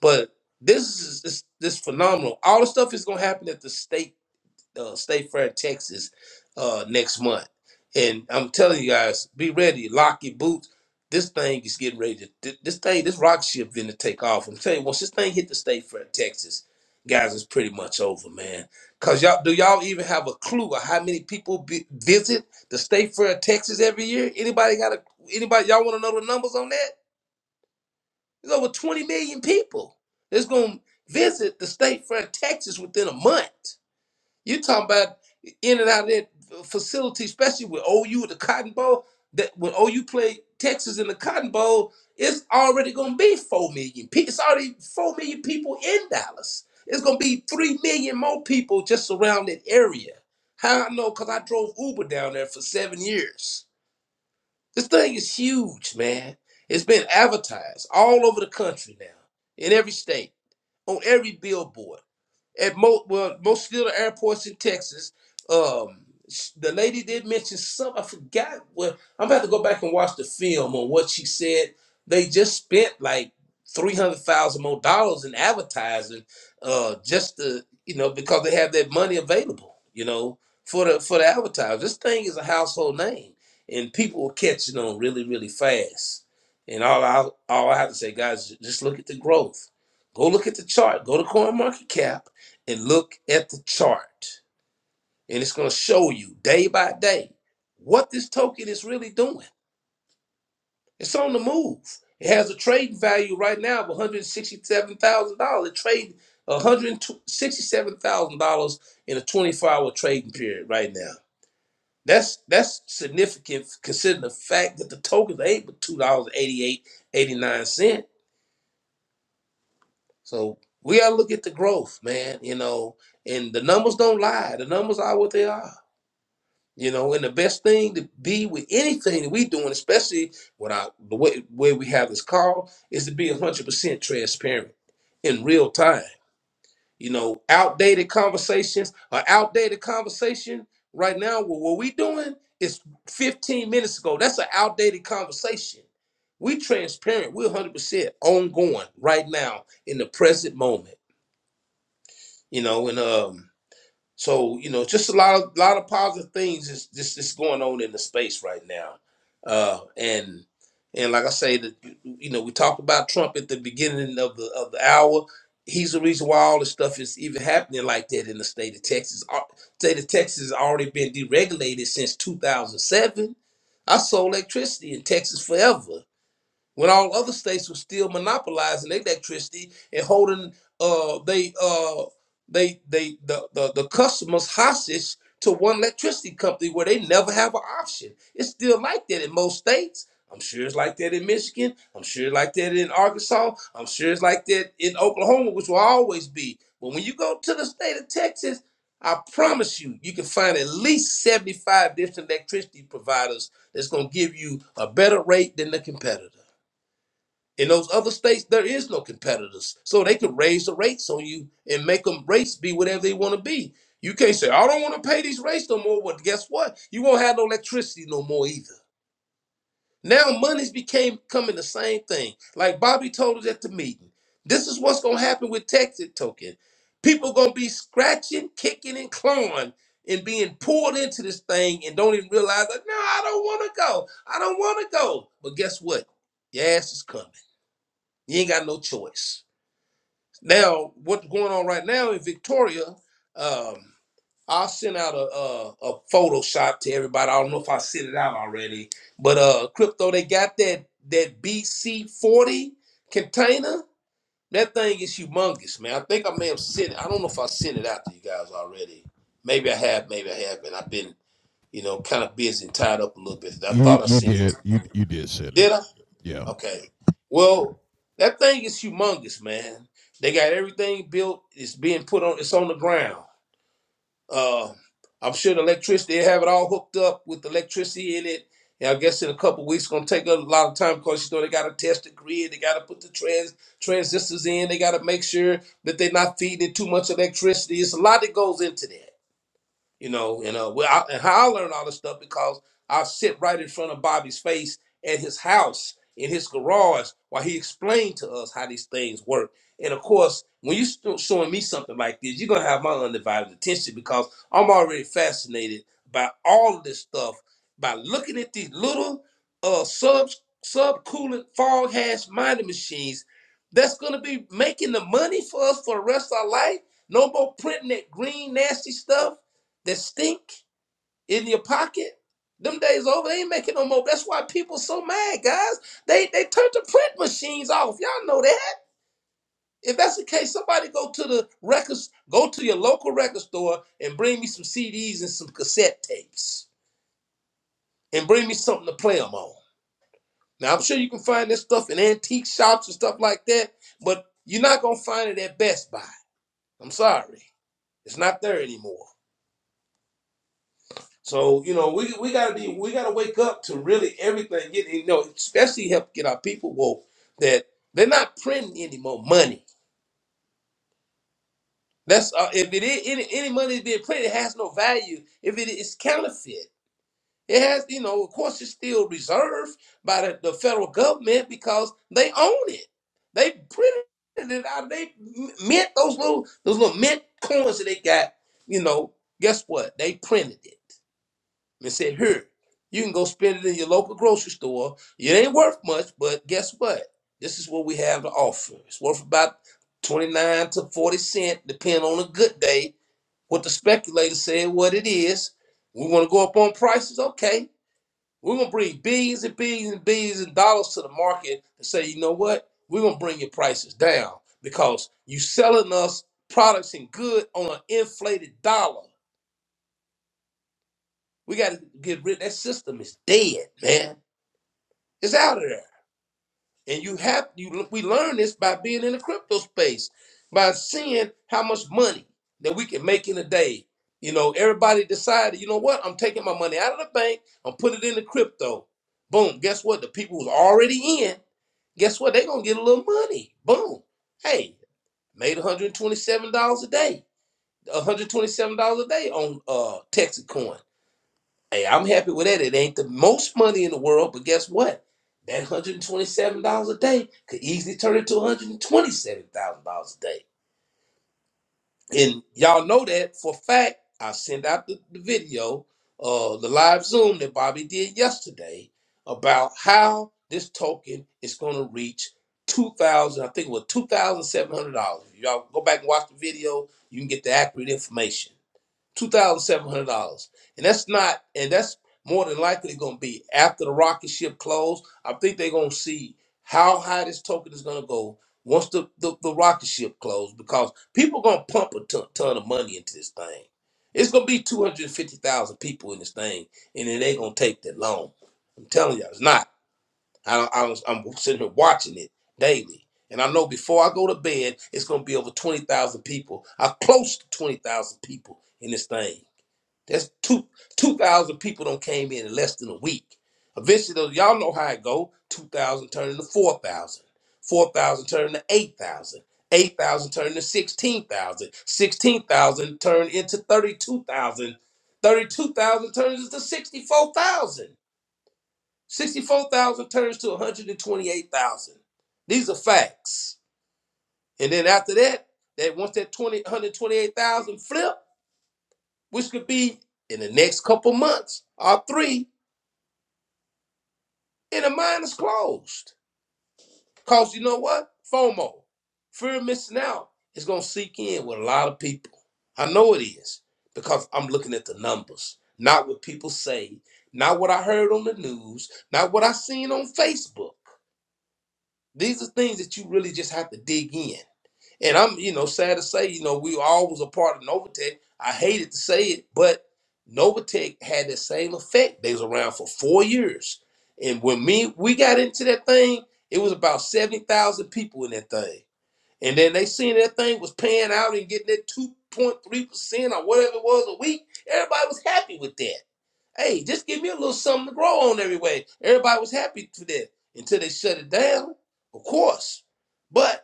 C: But this is this, this phenomenal. All the stuff is gonna happen at the state uh, State Fair, Texas, uh, next month. And I'm telling you guys, be ready, lock your boots. This thing is getting ready to. th- This thing, this rocket ship, going to take off. I'm telling you, once this thing hit the State Fair, Texas, guys, it's pretty much over, man. Cause y'all, do y'all even have a clue of how many people be, visit the State Fair, Texas, every year? Anybody got a? Anybody y'all want to know the numbers on that? There's over 20 million people that's gonna visit the State Fair, Texas, within a month. You talking about in and out of that facility, especially with OU at the Cotton Bowl. That when OU play Texas in the Cotton Bowl, it's already gonna be four million. pe- It's already four million people in Dallas. It's gonna be three million more people just around that area. How I know? Cause I drove Uber down there for seven years. This thing is huge, man. It's been advertised all over the country now, in every state, on every billboard at most well most of the airports in Texas. Um, sh- the lady did mention some. I forgot. Well, I'm about to go back and watch the film on what she said. They just spent like three hundred thousand more dollars in advertising, uh, just to you know because they have that money available, you know, for the for the advertisers. This thing is a household name, and people are catching on really really fast. And all I all I have to say, guys, just look at the growth. Go look at the chart. Go to CoinMarketCap and look at the chart and it's going to show you day by day what this token is really doing it's on the move it has a trading value right now of $167000 it trade $167000 in a 24-hour trading period right now that's that's significant considering the fact that the tokens ain't but $2.88 cents eighty-nine cents. so we got to look at the growth man you know and the numbers don't lie the numbers are what they are You know, and the best thing to be with anything that we doing, especially with our the way, way we have this call, is to be one hundred percent transparent in real time. You know, outdated conversations, an outdated conversation right now. Well, what we doing is fifteen minutes ago. That's an outdated conversation. We transparent. We're one hundred percent ongoing right now in the present moment. You know, and um so you know, just a lot of lot of positive things is just is going on in the space right now. Uh, and and like I say, that you know, we talked about Trump at the beginning of the of the hour. He's the reason why all this stuff is even happening like that in the state of Texas. Our State of Texas has already been deregulated since 2007. I sold electricity in Texas forever when all other states were still monopolizing their electricity and holding uh they uh they they the, the the customers hostage to one electricity company where they never have an option. It's still like that in most states. I'm sure it's like that in Michigan. I'm sure it's like that in Arkansas. I'm sure it's like that in Oklahoma, which will always be. But when you go to the state of Texas, I promise you, you can find at least 75 different electricity providers that's going to give you a better rate than the competitor. In those other states, there is no competitors. So they could raise the rates on you and make them rates be whatever they want to be. You can't say, I don't want to pay these rates no more. Well, guess what? You won't have no electricity no more either. Now money's became coming the same thing. Like Bobby told us at the meeting. This is what's gonna happen with Texas token. People gonna be scratching, kicking, and clawing and being pulled into this thing and don't even realize that no, I don't wanna go. I don't wanna go. But guess what? Your ass is coming. You ain't got no choice. Now, what's going on right now in Victoria? Um, I'll send out a, a a Photoshop to everybody. I don't know if I sent it out already, but uh, crypto they got that that BC forty container. That thing is humongous, man. I think I may have sent it. I don't know if I sent it out to you guys already. Maybe I have. Maybe I haven't. I've been you know kind of busy and tied up a little bit. I
B: You
C: thought I
B: you
C: sent it to
B: did
C: you.
B: you you did send it.
C: Did I?
B: Yeah.
C: Okay. Well, that thing is humongous, man. They got everything built. It's being put on. It's on the ground. Uh, I'm sure the electricity. They have it all hooked up with electricity in it. And I guess in a couple weeks, it's gonna take a lot of time because you know they gotta test the grid. They gotta put the trans transistors in. They gotta make sure that they're not feeding it too much electricity. It's a lot that goes into that you know. And uh, well, I, and how I learned all this stuff because I sit right in front of Bobby's face at his house in his garage while he explained to us how these things work. And of course, when you st- showing me something like this, you're gonna have my undivided attention because I'm already fascinated by all of this stuff by looking at these little uh sub subcoolant fog hash mining machines that's gonna be making the money for us for the rest of our life. No more printing that green nasty stuff that stink in your pocket. Them days over, they ain't making no more. That's why people so mad, guys. They they turned the print machines off. Y'all know that. If that's the case, somebody go to the records, go to your local record store and bring me some CDs and some cassette tapes. And bring me something to play them on. Now I'm sure you can find this stuff in antique shops and stuff like that, but you're not gonna find it at Best Buy. I'm sorry. It's not there anymore. So you know, we we gotta be we gotta wake up to really everything. Get you know, especially help get our people woke that they're not printing any more money. That's uh, if it is any any money is being printed, it has no value. If it is counterfeit, it has you know, of course, it's still reserved by the, the federal government because they own it. They printed it out. They mint those little those little mint coins that they got. You know, guess what? They printed it. and said, Here, you can go spend it in your local grocery store. It ain't worth much, but guess what? This is what we have to offer. It's worth about 29 to 40 cents, depending on a good day. What the speculator said, what it is. We want to go up on prices? Okay. We're going to bring billions and billions and billions and dollars to the market and say, you know what? We're going to bring your prices down because you selling us products and good on an inflated dollar. We got to get rid of that system. is dead, man It's out of there. And you have you we learn this by being in the crypto space, by seeing how much money that we can make in a day. You know, everybody decided, you know what, I'm taking my money out of the bank, I'm putting it in the crypto. Boom. Guess what? The people who's already in, guess what? They're gonna get a little money. Boom. Hey, made $127 a day. $127 a day on uh Texas coin. Hey, I'm happy with that. It ain't the most money in the world, but guess what? That $127 a day could easily turn into $127,000 a day. And y'all know that for a fact. I sent out the, the video, uh, the live Zoom that Bobby did yesterday about how this token is going to reach 2000 I think it was $2,700. Y'all go back and watch the video. You can get the accurate information two thousand seven hundred dollars, and that's not, and that's more than likely going to be after the rocket ship close. I think they're going to see how high this token is going to go once the, the the rocket ship close, because people are going to pump a ton, ton of money into this thing. It's going to be two hundred fifty thousand people in this thing, and it ain't going to take that long. I'm telling y'all, it's not. I, don't- I was, I'm sitting here watching it daily. And I know before I go to bed, it's going to be over 20,000 people. I am close to 20,000 people in this thing that's two two thousand people don't came in in less than a week. Eventually, though, y'all know how it go. Two thousand turning to four thousand. Four thousand turning to eight thousand. Eight thousand turning to sixteen thousand. Sixteen thousand turned into thirty-two thousand. Thirty-two thousand turns into sixty-four thousand. Sixty-four thousand turns to one hundred and twenty-eight thousand. These are facts. And then after that, that once that 20, one hundred twenty-eight thousand flip which could be in the next couple months or three, and the mind is closed. Because you know what? FOMO, fear of missing out, is going to seek in with a lot of people. I know it is because I'm looking at the numbers, not what people say, not what I heard on the news, not what I seen on Facebook. These are things that you really just have to dig in. And I'm, you know, sad to say, you know, we all was a part of Novatech. I hated to say it, but Novatech had the same effect. They was around for four years. And when me we got into that thing, it was about 70,000 people in that thing. And then they seen that thing was paying out and getting that 2.3% or whatever it was a week. Everybody was happy with that. Hey, just give me a little something to grow on every way. Everybody was happy for that until they shut it down, of course. But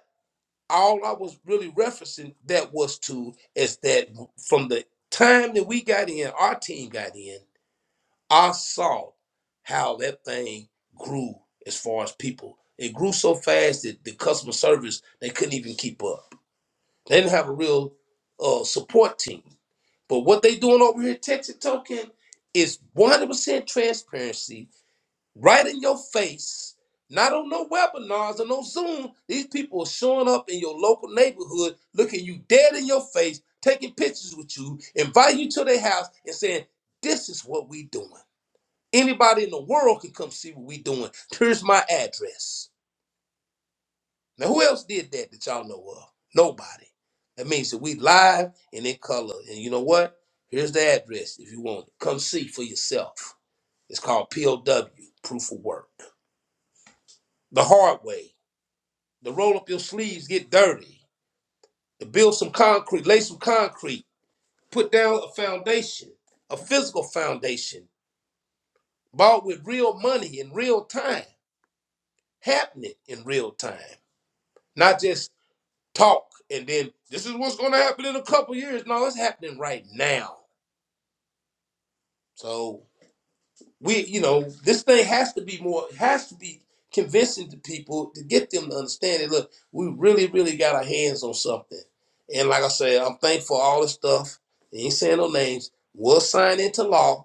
C: all I was really referencing that was to is that from the time that we got in, our team got in, I saw how that thing grew as far as people. It grew so fast that the customer service they couldn't even keep up. They didn't have a real uh, support team. But what they doing over here, at Texas Token, is 100% transparency right in your face. Not on no webinars or no Zoom. These people are showing up in your local neighborhood, looking you dead in your face, taking pictures with you, inviting you to their house, and saying, "This is what we doing." Anybody in the world can come see what we doing. Here's my address. Now, who else did that that y'all know of? Nobody. That means that we live and in color. And you know what? Here's the address if you want it. Come see for yourself. It's called POW, proof of work the hard way. to roll up your sleeves, get dirty, to build some concrete, lay some concrete, put down a foundation, a physical foundation, bought with real money in real time, happening in real time, not just talk and then this is what's going to happen in a couple years. No, it's happening right now. So we you know this thing has to be more has to be convincing to people to get them to understand it look we really really got our hands on something and like i said i'm thankful for all this stuff ain't saying no names will sign into law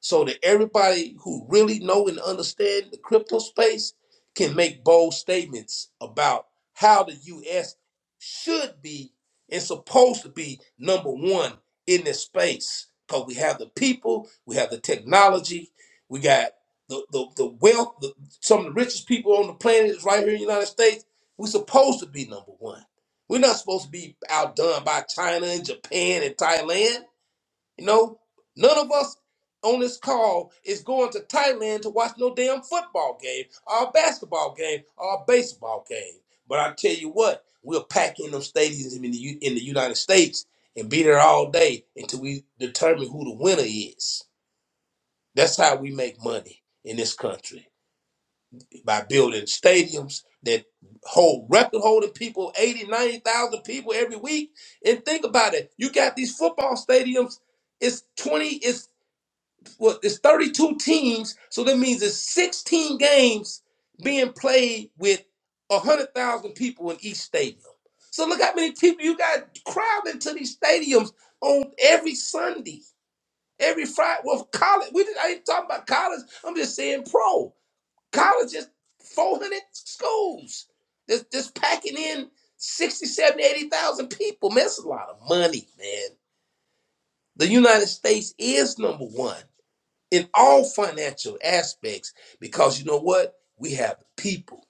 C: so that everybody who really know and understand the crypto space can make bold statements about how the US should be and supposed to be number one in this space. Because we have the people, we have the technology, we got the, the, the wealth, the, some of the richest people on the planet is right here in the United States. We're supposed to be number one. We're not supposed to be outdone by China and Japan and Thailand. You know, none of us on this call is going to Thailand to watch no damn football game, or a basketball game, or a baseball game. But I tell you what, we'll pack in them stadiums in the, U- in the United States and be there all day until we determine who the winner is. That's how we make money in this country by building stadiums that hold record holding people, eighty, ninety thousand people every week. And think about it, you got these football stadiums it's 20 well, it's 32 teams, so that means it's 16 games being played with 100,000 people in each stadium. So look how many people you got crowding to these stadiums on every Sunday, every Friday. Well, college, we did, I ain't talking about college. I'm just saying pro. College is 400 schools that's just packing in 60, 70, 80,000 people. Man, that's a lot of money, man. The United States is number one in all financial aspects because you know what we have the people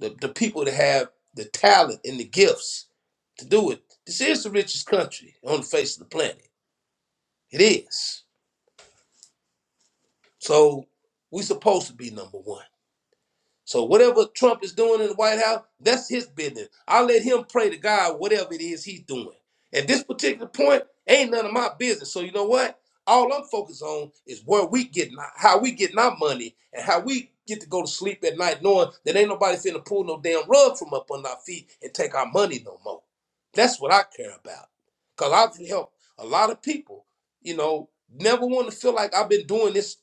C: the, the people that have the talent and the gifts to do it this is the richest country on the face of the planet it is so we supposed to be number one So whatever Trump is doing in the White House, that's his business. I let him pray to God whatever it is he's doing. At this particular point, ain't none of my business. So you know what? All I'm focused on is where we getting how we getting our money and how we get to go to sleep at night knowing that ain't nobody finna pull no damn rug from up under our feet and take our money no more. That's what I care about. Cause I've helped a lot of people, you know, never want to feel like I've been doing this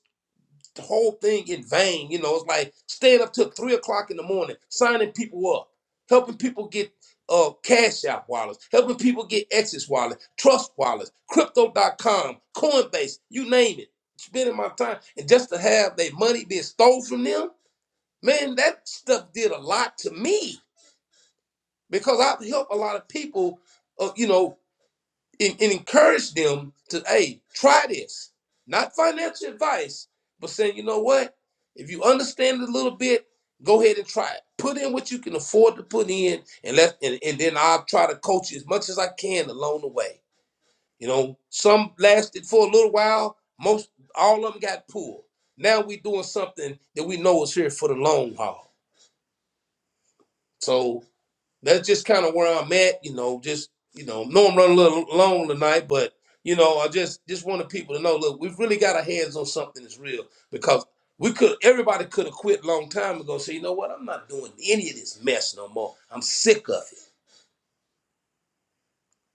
C: the whole thing in vain. You know, it's like staying up till three o'clock in the morning, signing people up, helping people get uh, cash app wallets, helping people get Exodus wallets, trust wallets, Crypto dot com, Coinbase, you name it. Spending my time and just to have their money being stole from them, man, that stuff did a lot to me because I've helped a lot of people, uh, you know, and, and encourage them to hey try this not financial advice but saying you know what if you understand it a little bit go ahead and try it put in what you can afford to put in and let and, and then i'll try to coach you as much as i can along the way you know some lasted for a little while most all of them got pulled now we're doing something that we know is here for the long haul So that's just kind of where I'm at. You know, just you know, know I'm running a little long tonight, but you know, I just just wanted people to know. Look, we've really got our hands on something that's real because we could everybody could have quit a long time ago. Say, you know what? I'm not doing any of this mess no more. I'm sick of it.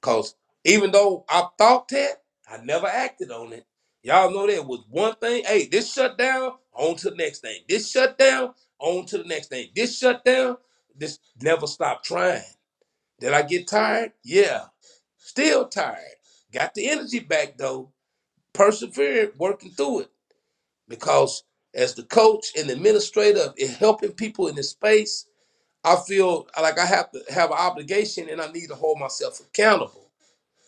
C: Cause even though I thought that, I never acted on it. Y'all know that was one thing. Hey, this shutdown, on to the next thing. This shutdown, on to the next thing. This shutdown, this never stop trying. Did I get tired? Yeah. Still tired. Got the energy back though. Persevered working through it because as the coach and administrator and helping people in this space, I feel like I have to have an obligation and I need to hold myself accountable,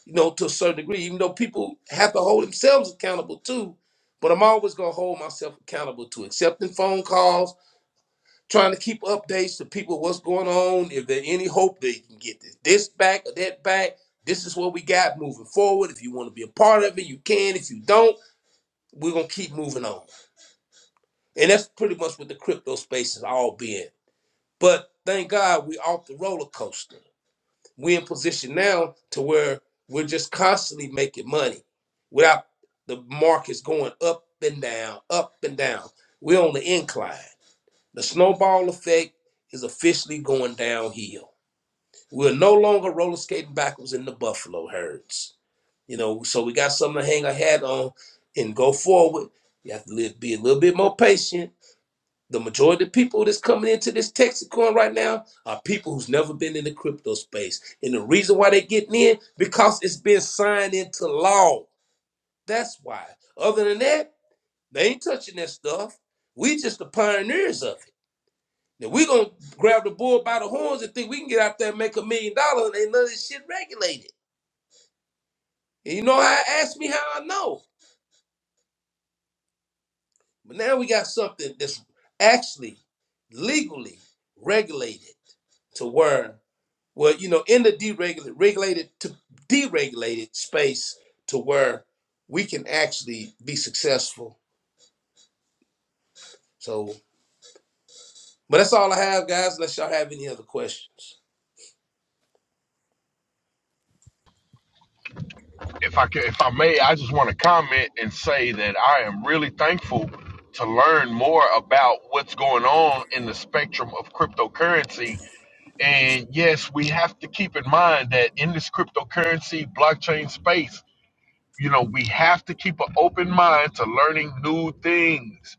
C: you know, to a certain degree, even though people have to hold themselves accountable too. But I'm always going to hold myself accountable to accepting phone calls, trying to keep updates to people what's going on if there any hope they can get this this back or that back this is what we got moving forward if you want to be a part of it you can if you don't we're going to keep moving on and that's pretty much what the crypto space is all being but thank god we off the roller coaster we're in position now to where we're just constantly making money without the markets going up and down up and down we're on the incline the snowball effect is officially going downhill. We're no longer roller skating backwards in the buffalo herds. You know, so we got something to hang our hat on and go forward. You have to live, be a little bit more patient. The majority of people that's coming into this Texacoin right now are people who's never been in the crypto space. And the reason why they getting in, because it's been signed into law. That's why. Other than that, they ain't touching that stuff. We just the pioneers of it. Now we gonna grab the bull by the horns and think we can get out there and make a million dollars and ain't none of this shit regulated. And you know how ask me how I know. But now we got something that's actually legally regulated to where well, you know, in the deregulated regulated to deregulated space to where we can actually be successful. So but that's all I have, guys, unless y'all have any other questions.
A: if I could, if I may, I just want to comment and say that I am really thankful to learn more about what's going on in the spectrum of cryptocurrency. And yes, we have to keep in mind that in this cryptocurrency blockchain space, you know, we have to keep an open mind to learning new things.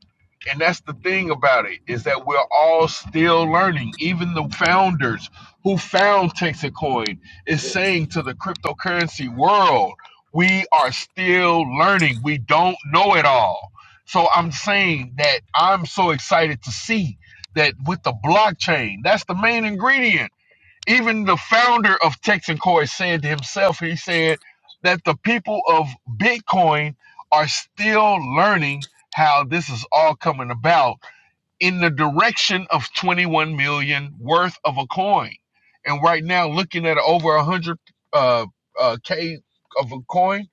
A: And that's the thing about it is that we're all still learning. Even the founders who found Texacoin is saying to the cryptocurrency world, we are still learning. We don't know it all. So I'm saying that I'm so excited to see that with the blockchain, that's the main ingredient even the founder of Texan Core said to himself, he said that the people of Bitcoin are still learning how this is all coming about in the direction of 21 million worth of a coin. And right now, looking at over 100 uh, uh, K of a coin,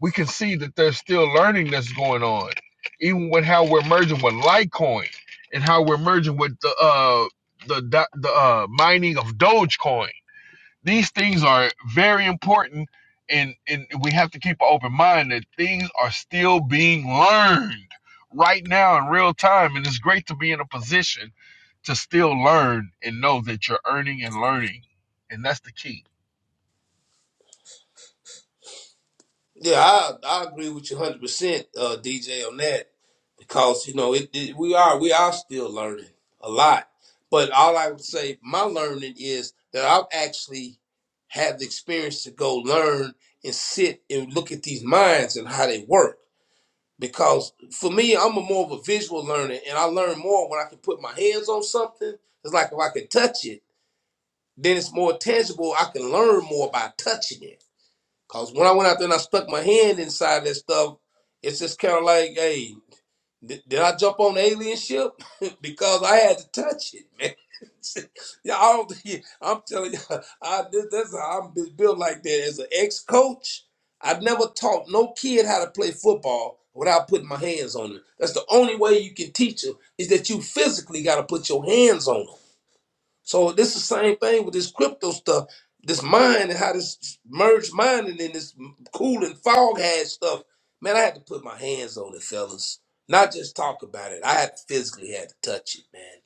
A: we can see that there's still learning that's going on, even with how we're merging with Litecoin and how we're merging with the uh, the the uh, mining of Dogecoin these things are very important, and, and we have to keep an open mind that things are still being learned right now in real time. And it's great to be in a position to still learn and know that you're earning and learning. And that's the key.
C: Yeah, I I agree with you hundred percent, uh, DJ, on that because you know it, it, we are we are still learning a lot. But all I would say, my learning is that I've actually had the experience to go learn and sit and look at these minds and how they work. Because for me, I'm a more of a visual learner, and I learn more when I can put my hands on something. It's like if I can touch it, then it's more tangible. I can learn more by touching it Cause when I went out there and I stuck my hand inside that stuff, it's just kind of like, hey, did, did I jump on the alien ship? because I had to touch it, man. yeah, I don't. think- I'm telling you, I, this, that's how I'm bu- built like that. As an ex-coach, I never taught no kid how to play football without putting my hands on them. That's the only way you can teach them is that you physically got to put your hands on them. So this is the same thing with this crypto stuff, this mind and how this merged mind and then this cool and fog had stuff. Man, I had to put my hands on it, fellas. Not just talk about it. I had to physically had to touch it, man.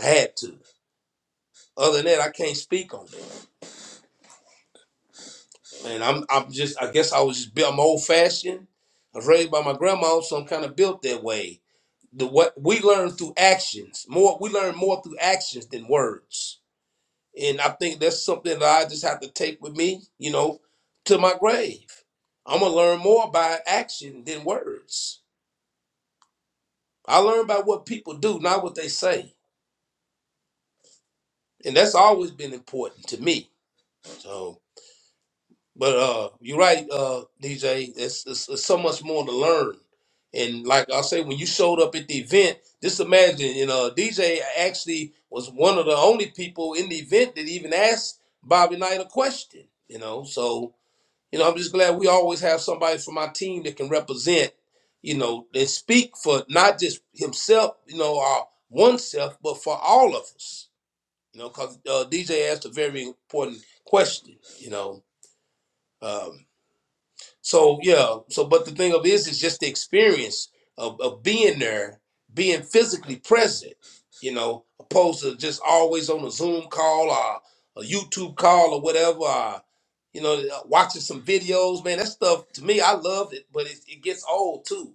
C: I had to. Other than that, I can't speak on it. And I'm I'm just I guess I was just built I'm old fashioned. I was raised by my grandma, so I'm kind of built that way. The what we learn through actions. More we learn more through actions than words. And I think that's something that I just have to take with me, you know, to my grave. I'm gonna learn more by action than words. I learn by what people do, not what they say. And that's always been important to me. So but uh you're right, uh DJ, it's, it's, it's so much more to learn. And like I say, when you showed up at the event, just imagine, you know, DJ actually was one of the only people in the event that even asked Bobby Knight a question, you know. So You know, I'm just glad we always have somebody from our team that can represent, you know, and speak for not just himself, you know, our oneself, but for all of us. You know, because uh, DJ asked a very important question. You know, um, so yeah, so but the thing of it is, is just the experience of, of being there, being physically present, you know, opposed to just always on a Zoom call or a YouTube call or whatever. Or, you know, uh, watching some videos, man. That stuff to me, I love it, but it, it gets old too.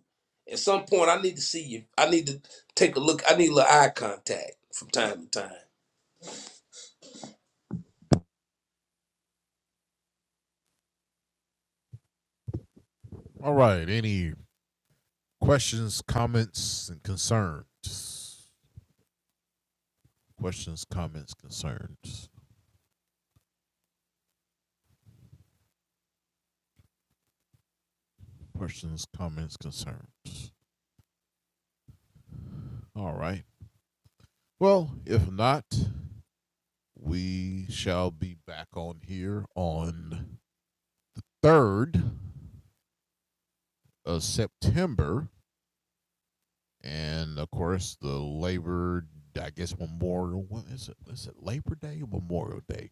C: At some point, I need to see you. I need to take a look. I need a little eye contact from time to time.
B: All right. Any questions, comments, and concerns? Questions, comments, concerns. Questions, comments, concerns. All right. Well, if not, we shall be back on here on third of September, and of course the Labor. I guess Memorial. What is it? Is it Labor Day or Memorial Day?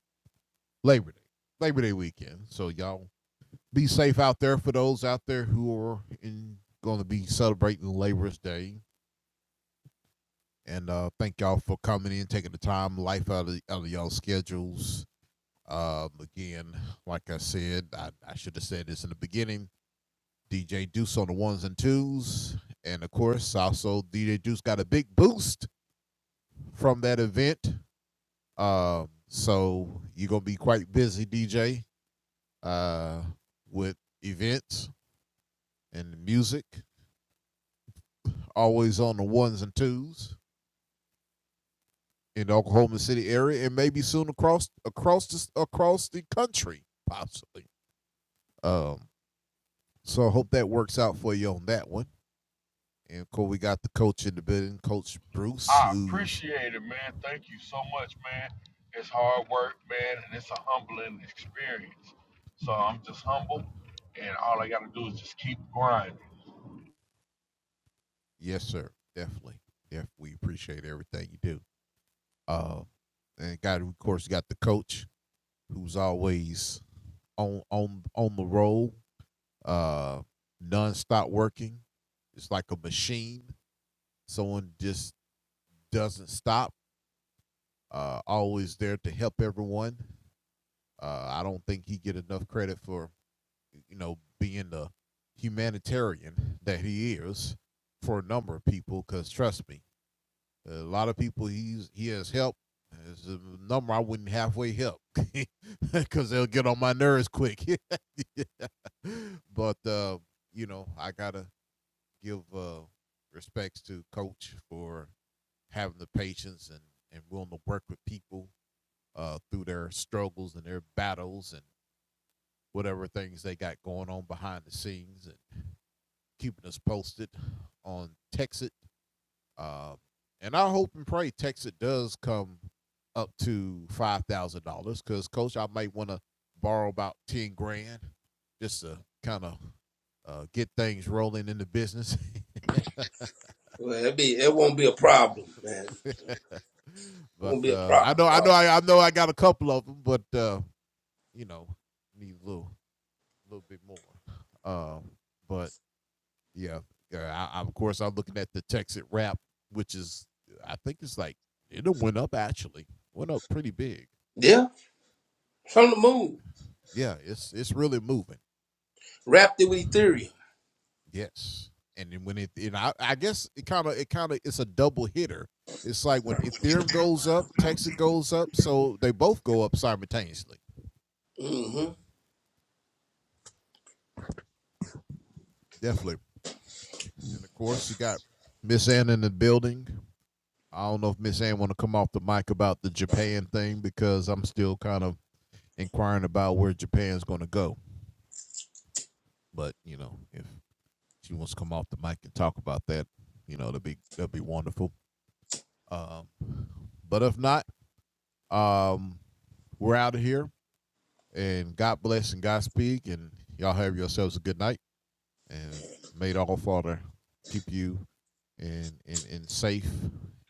B: Labor Day. Labor Day weekend. So y'all be safe out there for those out there who are in, going to be celebrating Labor's Day. And uh, thank y'all for coming in, taking the time, life out of, out of you alls schedules. Um, again, like I said, I, I should have said this in the beginning. DJ Deuce on the ones and twos. And of course, also DJ Deuce got a big boost from that event. Um, so you're going to be quite busy, DJ, uh, with events and music. always on the ones and twos in the Oklahoma City area, and maybe soon across across the, across the country, possibly. Um, so I hope that works out for you on that one. And of course, we got the coach in the building, Coach Bruce,
A: I
B: who's
A: appreciate it, man. Thank you so much, man. It's hard work, man, and it's a humbling experience. So I'm just humble, and all I got to do is just keep grinding.
B: yes, sir, definitely. Yeah, we appreciate everything you do. Uh, and got of course got the coach who's always on on on the roll, uh, non working. It's like a machine. Someone just doesn't stop. uh, always there to help everyone. Uh, I don't think he get enough credit for you know being the humanitarian that he is for a number of people. Because trust me, a lot of people he's he has helped. It's a number I wouldn't halfway help because they'll get on my nerves quick. Yeah. But uh, you know, I gotta give uh, respects to Coach for having the patience and and willing to work with people uh, through their struggles and their battles and whatever things they got going on behind the scenes and keeping us posted on Texas. Uh, and I hope and pray Texas does come up to five thousand dollars because coach, I might want to borrow about ten grand just to kind of uh, get things rolling in the business.
C: Well, it be it won't be a problem, man. It
B: but
C: won't be a
B: uh, I
C: problem
B: know,
C: at
B: I know,
C: all.
B: I, I know, I got a couple of them, but uh, you know, need a little little bit more. Um, but yeah, uh, I, I, of course I'm looking at the Texas rap, which is I think it's like it went up actually, went up pretty big.
C: Yeah, from the moon,
B: Yeah, it's it's really moving.
C: wrapped it with Ethereum.
B: Yes, and then when it and I, I guess it kind of it kind of it's a double hitter. It's like when Ethereum goes up, Texas goes up, so they both go up simultaneously.
C: Mm-hmm.
B: Definitely, and of course you got Miss Ann in the building. I don't know if Miss Ann want to come off the mic about the Japan thing because I'm still kind of inquiring about where Japan's going to go. But you know, if she wants to come off the mic and talk about that, you know, that'd be that'd be wonderful. Um, but if not, um, we're out of here. And God bless and Godspeed. And y'all have yourselves a good night. And may the All Father keep you in in, in safe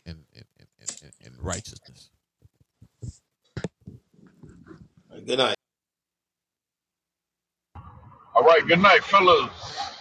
B: and in, in, in, in righteousness.
C: Good night.
A: All right, good night, fellas.